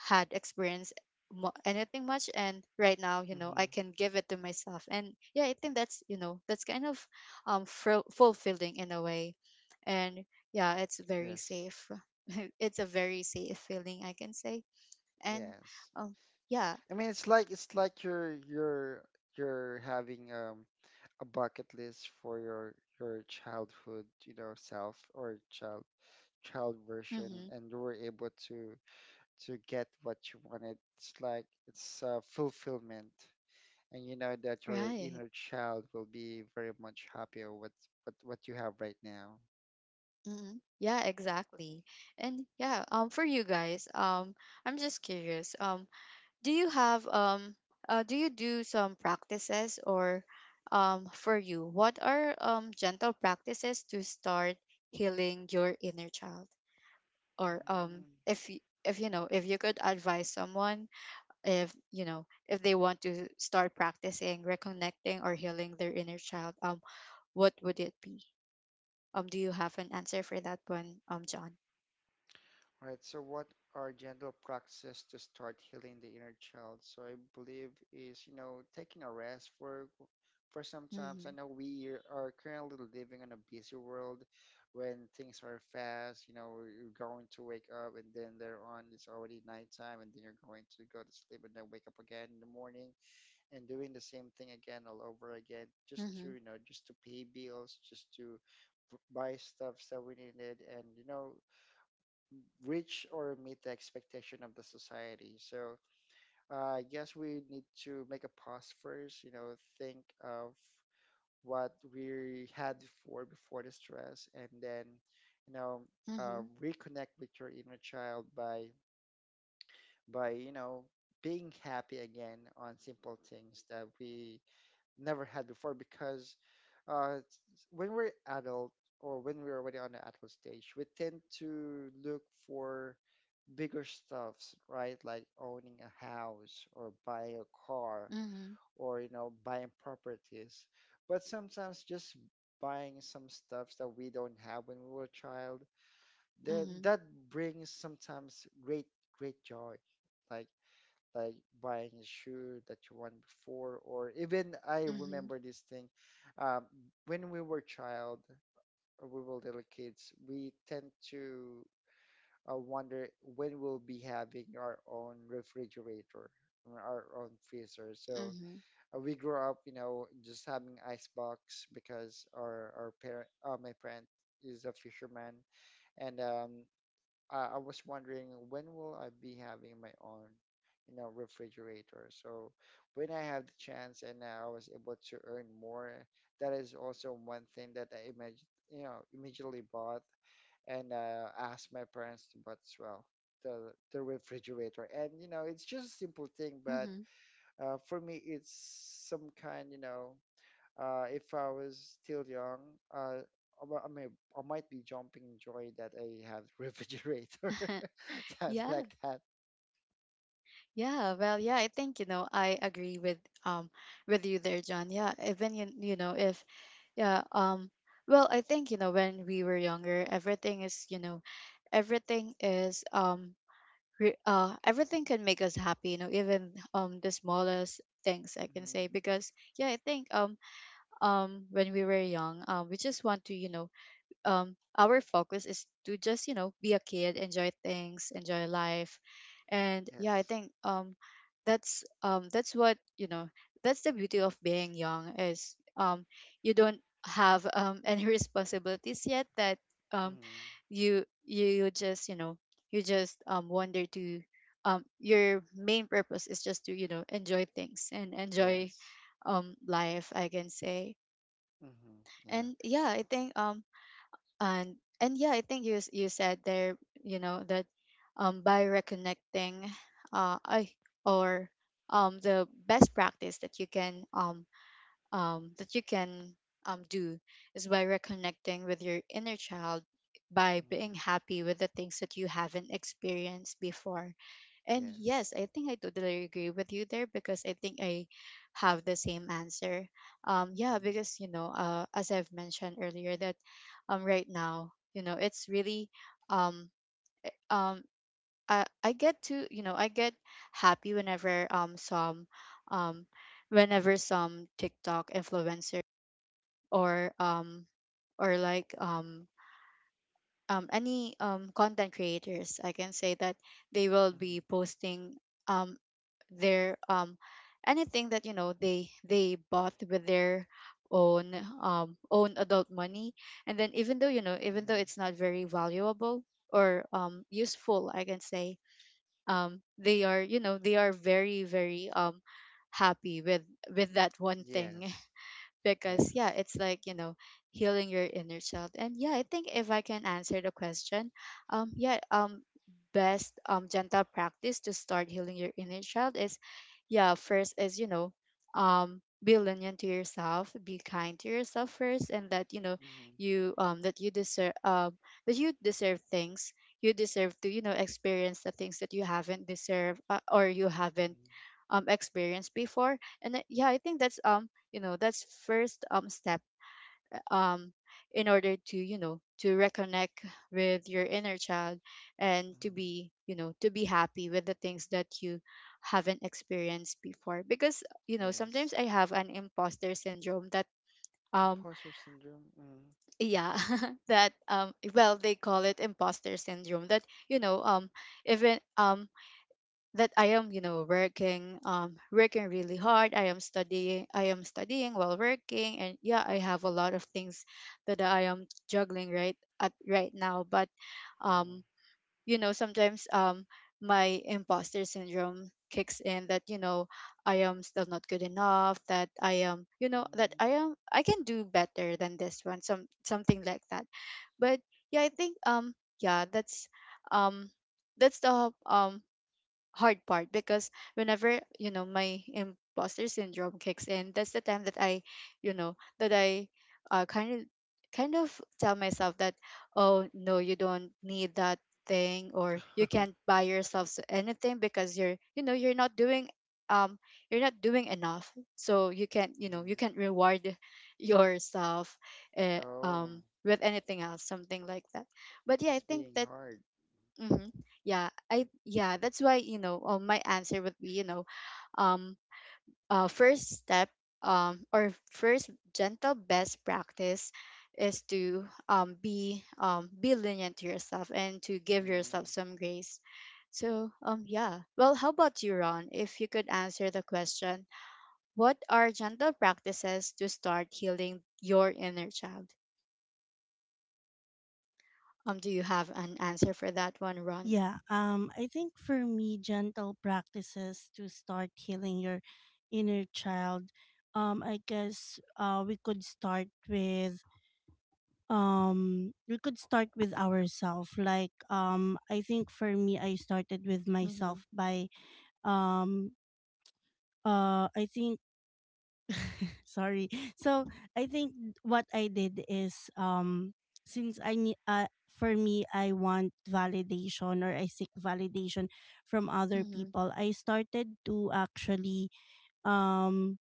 Speaker 1: had experience, anything much, and right now you know I
Speaker 2: hmm
Speaker 1: can give it to myself. And yeah, I think that's you know that's kind of fulfilling in a way. And yeah, it's very
Speaker 2: Yes.
Speaker 1: safe. It's a very safe feeling, I can say. And
Speaker 2: Yes.
Speaker 1: um yeah.
Speaker 2: I mean, it's like it's like you're having a bucket list for your childhood, you know, self or child version,
Speaker 1: Mhm.
Speaker 2: and you were able to get what you wanted. It's like it's fulfillment, and you know that your
Speaker 1: Right.
Speaker 2: inner child will be very much happy with what you have right now.
Speaker 1: Hmm. Yeah, exactly. And yeah, for you guys, I'm just curious. Do you have do you do some practices? Or, for you, what are gentle practices to start healing your inner child? Or if if you know, if you could advise someone, if you know, if they want to start practicing reconnecting or healing their inner child, what would it be? Do you have an answer for that one, John?
Speaker 2: All right, so what are gentle practices to start healing the inner child? So I believe is, you know, taking a rest for sometimes.
Speaker 1: Mm-hmm.
Speaker 2: I know we are currently living in a busy world when things are fast, you know, you're going to wake up and then there on it's already nighttime and then you're going to go to sleep and then wake up again in the morning and doing the same thing again all over again just
Speaker 1: Mm-hmm.
Speaker 2: to, you know, just to pay bills, just to buy stuff that we needed and you know reach or meet the expectation of the society. So uh, I guess we need to make a pause first, you know, think of what we had before before the stress, and then you know
Speaker 1: Mm-hmm.
Speaker 2: reconnect with your inner child by you know being happy again on simple things that we never had before because when we're adult or when we're already on the adult stage, we tend to look for bigger stuffs, right? Like owning a house or buying a car
Speaker 1: Mm-hmm.
Speaker 2: or, you know, buying properties. But sometimes just buying some stuffs that we don't have when we were a child,
Speaker 1: Mm-hmm.
Speaker 2: that brings sometimes great joy. Like like buying a shoe that you want before or even I
Speaker 1: Mm-hmm.
Speaker 2: remember this thing um, when we were child or we were little kids we tend to wonder when we'll be having our own refrigerator or our own freezer so
Speaker 1: Mm-hmm.
Speaker 2: we grew up you know just having icebox because our parent my parent is a fisherman and I was wondering when will I be having my own, you know, refrigerator. So when I have the chance and I was able to earn more, that is also one thing that I imagine, you know, immediately bought and asked my parents to buy as well. The refrigerator and you know it's just a simple thing but
Speaker 1: Mm-hmm.
Speaker 2: for me it's some kind you know if I was still young, uh, I mean, I might be jumping joy that I have refrigerator, something
Speaker 1: Yeah.
Speaker 2: like that.
Speaker 1: Yeah. Well, yeah, I think, you know, I agree um with you there, John. Yeah. Even you, you know, if yeah, well, I think, you know, when we were younger, everything is, you know, everything is everything can make us happy, you know, even the smallest things, I can
Speaker 2: Mm,
Speaker 1: say. Because yeah, I think when we were young, we just want to you know our focus is to just you know be a kid, enjoy things, enjoy life. And yeah, I
Speaker 2: yes.
Speaker 1: think that's what you know that's the beauty of being young, is you don't have any responsibilities yet, that um
Speaker 2: Mm,
Speaker 1: you just you know you just wonder to your main purpose is just to you know enjoy things and enjoy
Speaker 2: yes.
Speaker 1: life, I can say.
Speaker 2: Mm-hmm, yeah.
Speaker 1: And yeah, I think and yeah, I think you you said there you know that by reconnecting, I or the best practice that you can do is by reconnecting with your inner child by
Speaker 2: Mm,
Speaker 1: being happy with the things that you haven't experienced before. And yes,
Speaker 2: yes.
Speaker 1: I think I totally agree with you there, because I think I have the same answer. Yeah,
Speaker 2: Mm,
Speaker 1: because you know, as I've mentioned earlier, that right now, you know, it's really um, um, I get to you know I get happy whenever some um whenever some TikTok influencer or or like um any content creators, I can say, that they will be
Speaker 2: mm-hmm,
Speaker 1: posting um their anything that you know they bought with their own own adult money. And then even though you know even though
Speaker 2: mm-hmm.
Speaker 1: it's not very valuable or useful, I can say, they are you know they are very very happy with that one thing,
Speaker 2: Yes.
Speaker 1: because yeah,
Speaker 2: Yes.
Speaker 1: it's like you know healing your inner child. And yeah, I think if I can answer the question, yeah, best gentle practice to start healing your inner child is, yeah, first is you know be lenient to yourself, be kind to yourself first, and that you know
Speaker 2: Mm-hmm,
Speaker 1: you that you deserve, that you deserve things, you deserve to you know experience the things that you haven't deserved, or you haven't
Speaker 2: mm-hmm,
Speaker 1: experienced before. And yeah, I think that's you know that's first step, um in order to you know to reconnect with your inner child and to
Speaker 2: mm-hmm.
Speaker 1: be you know to be happy with the things that you haven't experienced before. Because you know sometimes
Speaker 2: Yes.
Speaker 1: I have an imposter syndrome, that um
Speaker 2: Imposter syndrome. Mm,
Speaker 1: yeah. that Well, they call it imposter syndrome, that you know even that I am, you know, working, working really hard. I am studying while working, and yeah, I have a lot of things that I am juggling right at right now. But,
Speaker 2: mm,
Speaker 1: um, you know, sometimes my imposter syndrome kicks in, that you know I am still not good enough. That I am, you know, that I
Speaker 2: mm.
Speaker 1: am, I can do better than this one. Some something like that. But yeah, I think yeah, um, that's the hard part, because whenever you know my imposter syndrome kicks in, that's the time that I you know that I kind of kind of tell myself that, oh no, you don't need that thing, or you can't buy yourself anything because you're you know um you're not doing enough, so you can't you know you
Speaker 2: mm.
Speaker 1: can't reward yourself
Speaker 2: Oh,
Speaker 1: with anything else, something like that. But yeah, I
Speaker 2: it's
Speaker 1: think
Speaker 2: being
Speaker 1: that
Speaker 2: hard.
Speaker 1: Mm-hmm. Yeah, I yeah, that's why, you know, my answer would be, you know, um first step, or first gentle best practice is to be lenient to yourself and to give yourself
Speaker 2: Mm,
Speaker 1: some grace. So, yeah. Well, how about you, Ron? If you could answer the question, what are gentle practices to start healing your inner child? Do you have an answer for that one, Ron?
Speaker 3: Yeah, I think for me, gentle practices to start healing your inner child, I guess we could start with we could start with ourselves. Like I think for me, I started with
Speaker 1: Mhm,
Speaker 3: myself by um I think sorry. So I think what I did is since I need for me, I want validation or I seek validation from other
Speaker 1: mhm.
Speaker 3: people, I started to actually um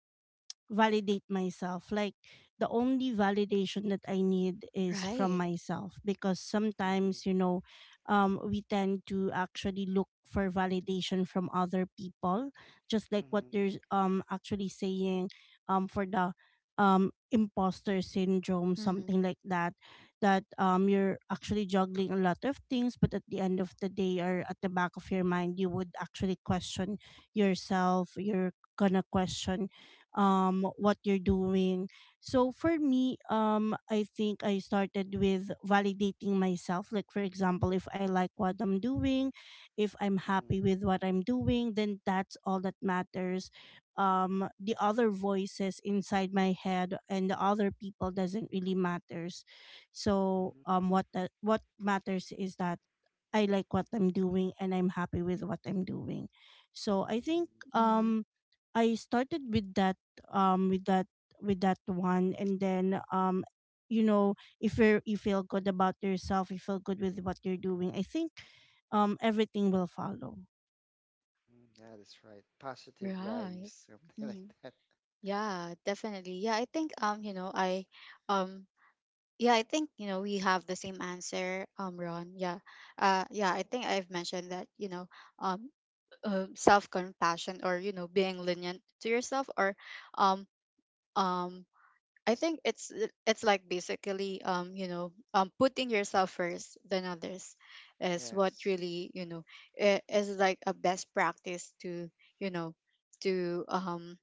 Speaker 3: validate myself. Like the only validation that I need is from
Speaker 1: Right.
Speaker 3: myself, because
Speaker 2: mm,
Speaker 3: sometimes, you know, we tend to actually look for validation from other people, just like what
Speaker 2: mm,
Speaker 3: you're actually saying for the imposter syndrome,
Speaker 1: Mhm,
Speaker 3: something like that. That you're actually juggling a lot of things, but at the end of the day, or at the back of your mind, you would actually question yourself, you're gonna question what you're doing. So for me, I think I started with validating myself, like for example, if I like what I'm doing, if I'm happy
Speaker 2: mhm,
Speaker 3: with what I'm doing, then that's all that matters. The other voices inside my head and the other people doesn't really matters. So
Speaker 2: mhm,
Speaker 3: what what matters is that I like what I'm doing and I'm happy with what I'm doing. So I
Speaker 2: mhm,
Speaker 3: think
Speaker 2: mhm.
Speaker 1: mhm.
Speaker 3: I started with that, um with that with that one, and then you know, if you feel good about yourself, you feel good with what you're doing, I think everything will follow.
Speaker 2: Yeah, that's right. Positive
Speaker 1: Right.
Speaker 2: vibes, something like
Speaker 1: Mhm.
Speaker 2: that.
Speaker 1: Yeah, definitely. Yeah, I think you know, I um yeah, I think, you know, we have the same answer, Ron. Yeah. Yeah, I think I've mentioned that, you know, um self-compassion, or, you know, being lenient to yourself or um um I think it's like basically putting yourself first than others is what
Speaker 2: Yes.
Speaker 1: really you know is like a best practice to you know to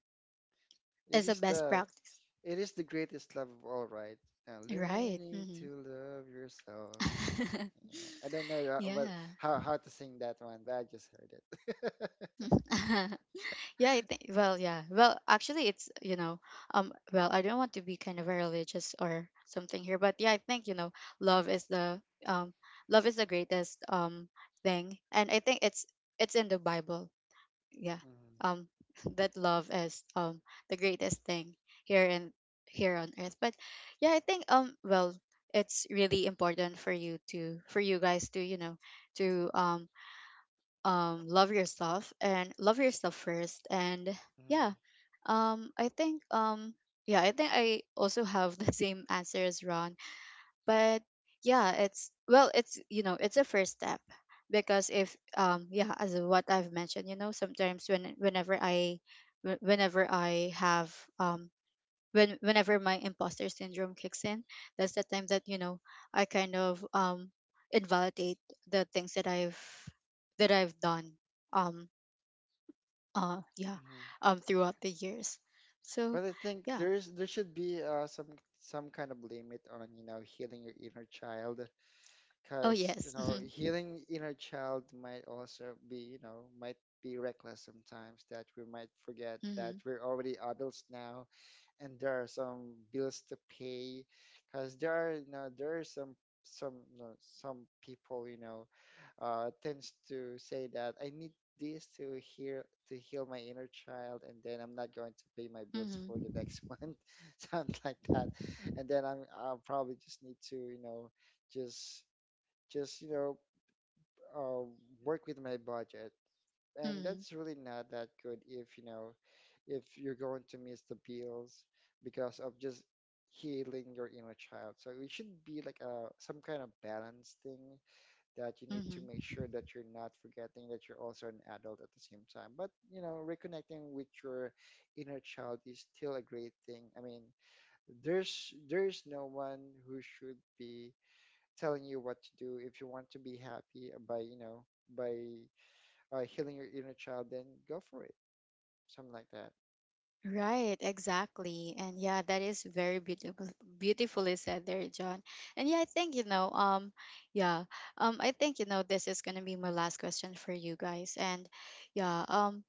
Speaker 2: It
Speaker 1: is a
Speaker 2: is
Speaker 1: best
Speaker 2: the
Speaker 1: practice.
Speaker 2: it is the greatest love of all, right? Now
Speaker 1: Right.
Speaker 2: learning
Speaker 1: Hmm.
Speaker 2: to love yourself. Yeah. I don't know what
Speaker 1: Yeah.
Speaker 2: how to sing that one, but I just heard it.
Speaker 1: Yeah, I think. Well, yeah. Well, actually, it's you know, well, I don't want to be kind of religious or something here, but yeah, I think you know, love is the um, love is the greatest thing, and I think it's in the Bible. Yeah,
Speaker 2: Mhm,
Speaker 1: um, that love is the greatest thing here in here on earth. But yeah, I think well, it's really important for you to for you guys to you know to love yourself and love yourself first. And yeah,
Speaker 2: mhm,
Speaker 1: I think yeah, I think I also have the same answer as Ron. But yeah, it's well, it's you know, it's a first step, because if yeah, as what I've mentioned, you know, sometimes when whenever I whenever I have um when whenever my imposter syndrome kicks in, that's the time that you know I kind of invalidate the things that I've done, um yeah,
Speaker 2: mhm.
Speaker 1: throughout the years. So
Speaker 2: But I think
Speaker 1: yeah.
Speaker 2: there's there should be some kind of limit on, you know, healing your inner child,
Speaker 1: Oh
Speaker 2: because you
Speaker 1: yes.
Speaker 2: know
Speaker 1: Mhm.
Speaker 2: healing inner child might also be you know might be reckless sometimes that we might forget that
Speaker 1: Mhm.
Speaker 2: we're already adults now and there are some bills to pay because there are you know there are some you know, some people you know tends to say that I need this to hear to heal my inner child and then I'm not going to pay my bills for the
Speaker 1: Mhm.
Speaker 2: next month something like that and then I'll probably just need to you know just just you know uh, work with my budget and
Speaker 1: Mhm.
Speaker 2: that's really not that good if you know if you're going to miss the bills because of just healing your inner child so it should be like a some kind of balance thing that you need to
Speaker 1: Mhm.
Speaker 2: make sure that you're not forgetting that you're also an adult at the same time but you know reconnecting with your inner child is still a great thing. I mean there's no one who should be telling you what to do. If you want to be happy by, you know, by healing your inner child, then go for it. Something like that.
Speaker 1: Right, exactly. And yeah, that is very beautiful, beautifully said there, John. And yeah, I think, you know, yeah, I think, you know, this is going to be my last question for you guys. And yeah, um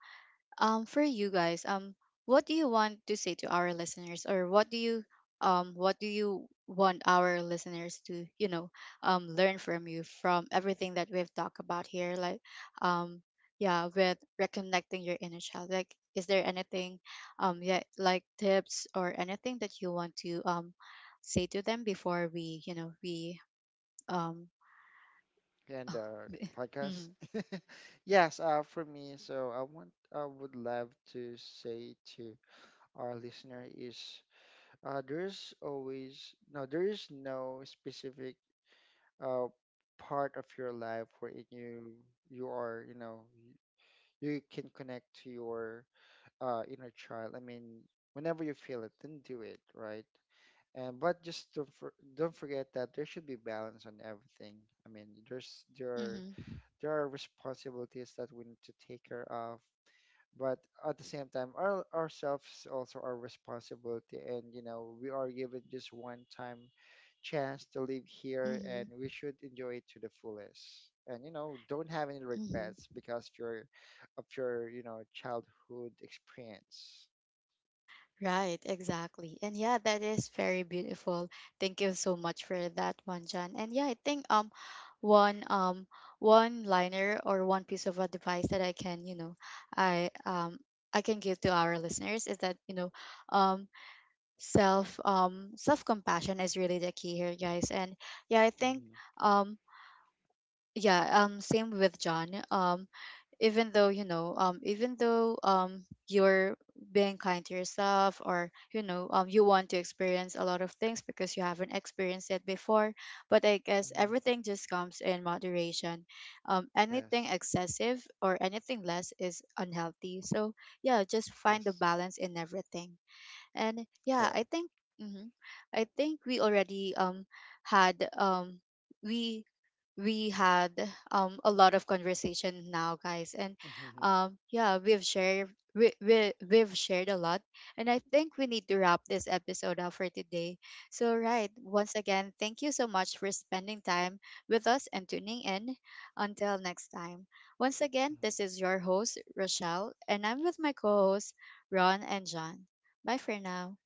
Speaker 1: um for you guys, what do you want to say to our listeners? Or what do you want our listeners to you know learn from you, from everything that we've talked about here, like um yeah, with reconnecting your inner child, like is there anything yeah, like tips or anything that you want to say to them before we you know we um
Speaker 2: And podcast.
Speaker 1: mm-hmm,
Speaker 2: Yes, for me, so I would love to say to our listener is there is no specific uh, part of your life where you are, you know, you can connect to your inner child. I mean, whenever you feel it, then do it, right? And but just don't forget that there should be balance on everything. I mean,
Speaker 1: mm-hmm,
Speaker 2: there are responsibilities that we need to take care of, but at the same time, our ourselves also our responsibility, and you know, we are given just one time chance to live here, and we should enjoy it to the fullest. And you know, don't have any
Speaker 1: mm-hmm,
Speaker 2: regrets because you're of your you know childhood experience.
Speaker 1: Right, exactly. And yeah, that is very beautiful. Thank you so much for that one, John. And yeah, I think one um one liner or one piece of advice that I can, you know, I um I can give to our listeners is that, you know, um self-compassion is really the key here, guys. And yeah, I think
Speaker 2: Hmm
Speaker 1: um yeah, same with John. Even though you know even though you're being kind to yourself, or you know you want to experience a lot of things because you haven't experienced it before, but I guess
Speaker 2: hmm
Speaker 1: everything just comes in moderation. Anything
Speaker 2: Yes.
Speaker 1: excessive or anything less is unhealthy, so yeah, just find the
Speaker 2: Yes.
Speaker 1: balance in everything. And yeah,
Speaker 2: Correct.
Speaker 1: I think mhm, I think we already had we we had a lot of conversation now, guys. And yeah, we've shared, we've shared a lot. And I think we need to wrap this episode up for today. So right, once again, thank you so much for spending time with us and tuning in. Until next time. Once again, this is your host Rochelle, and I'm with my co-hosts Ron and John. Bye for now.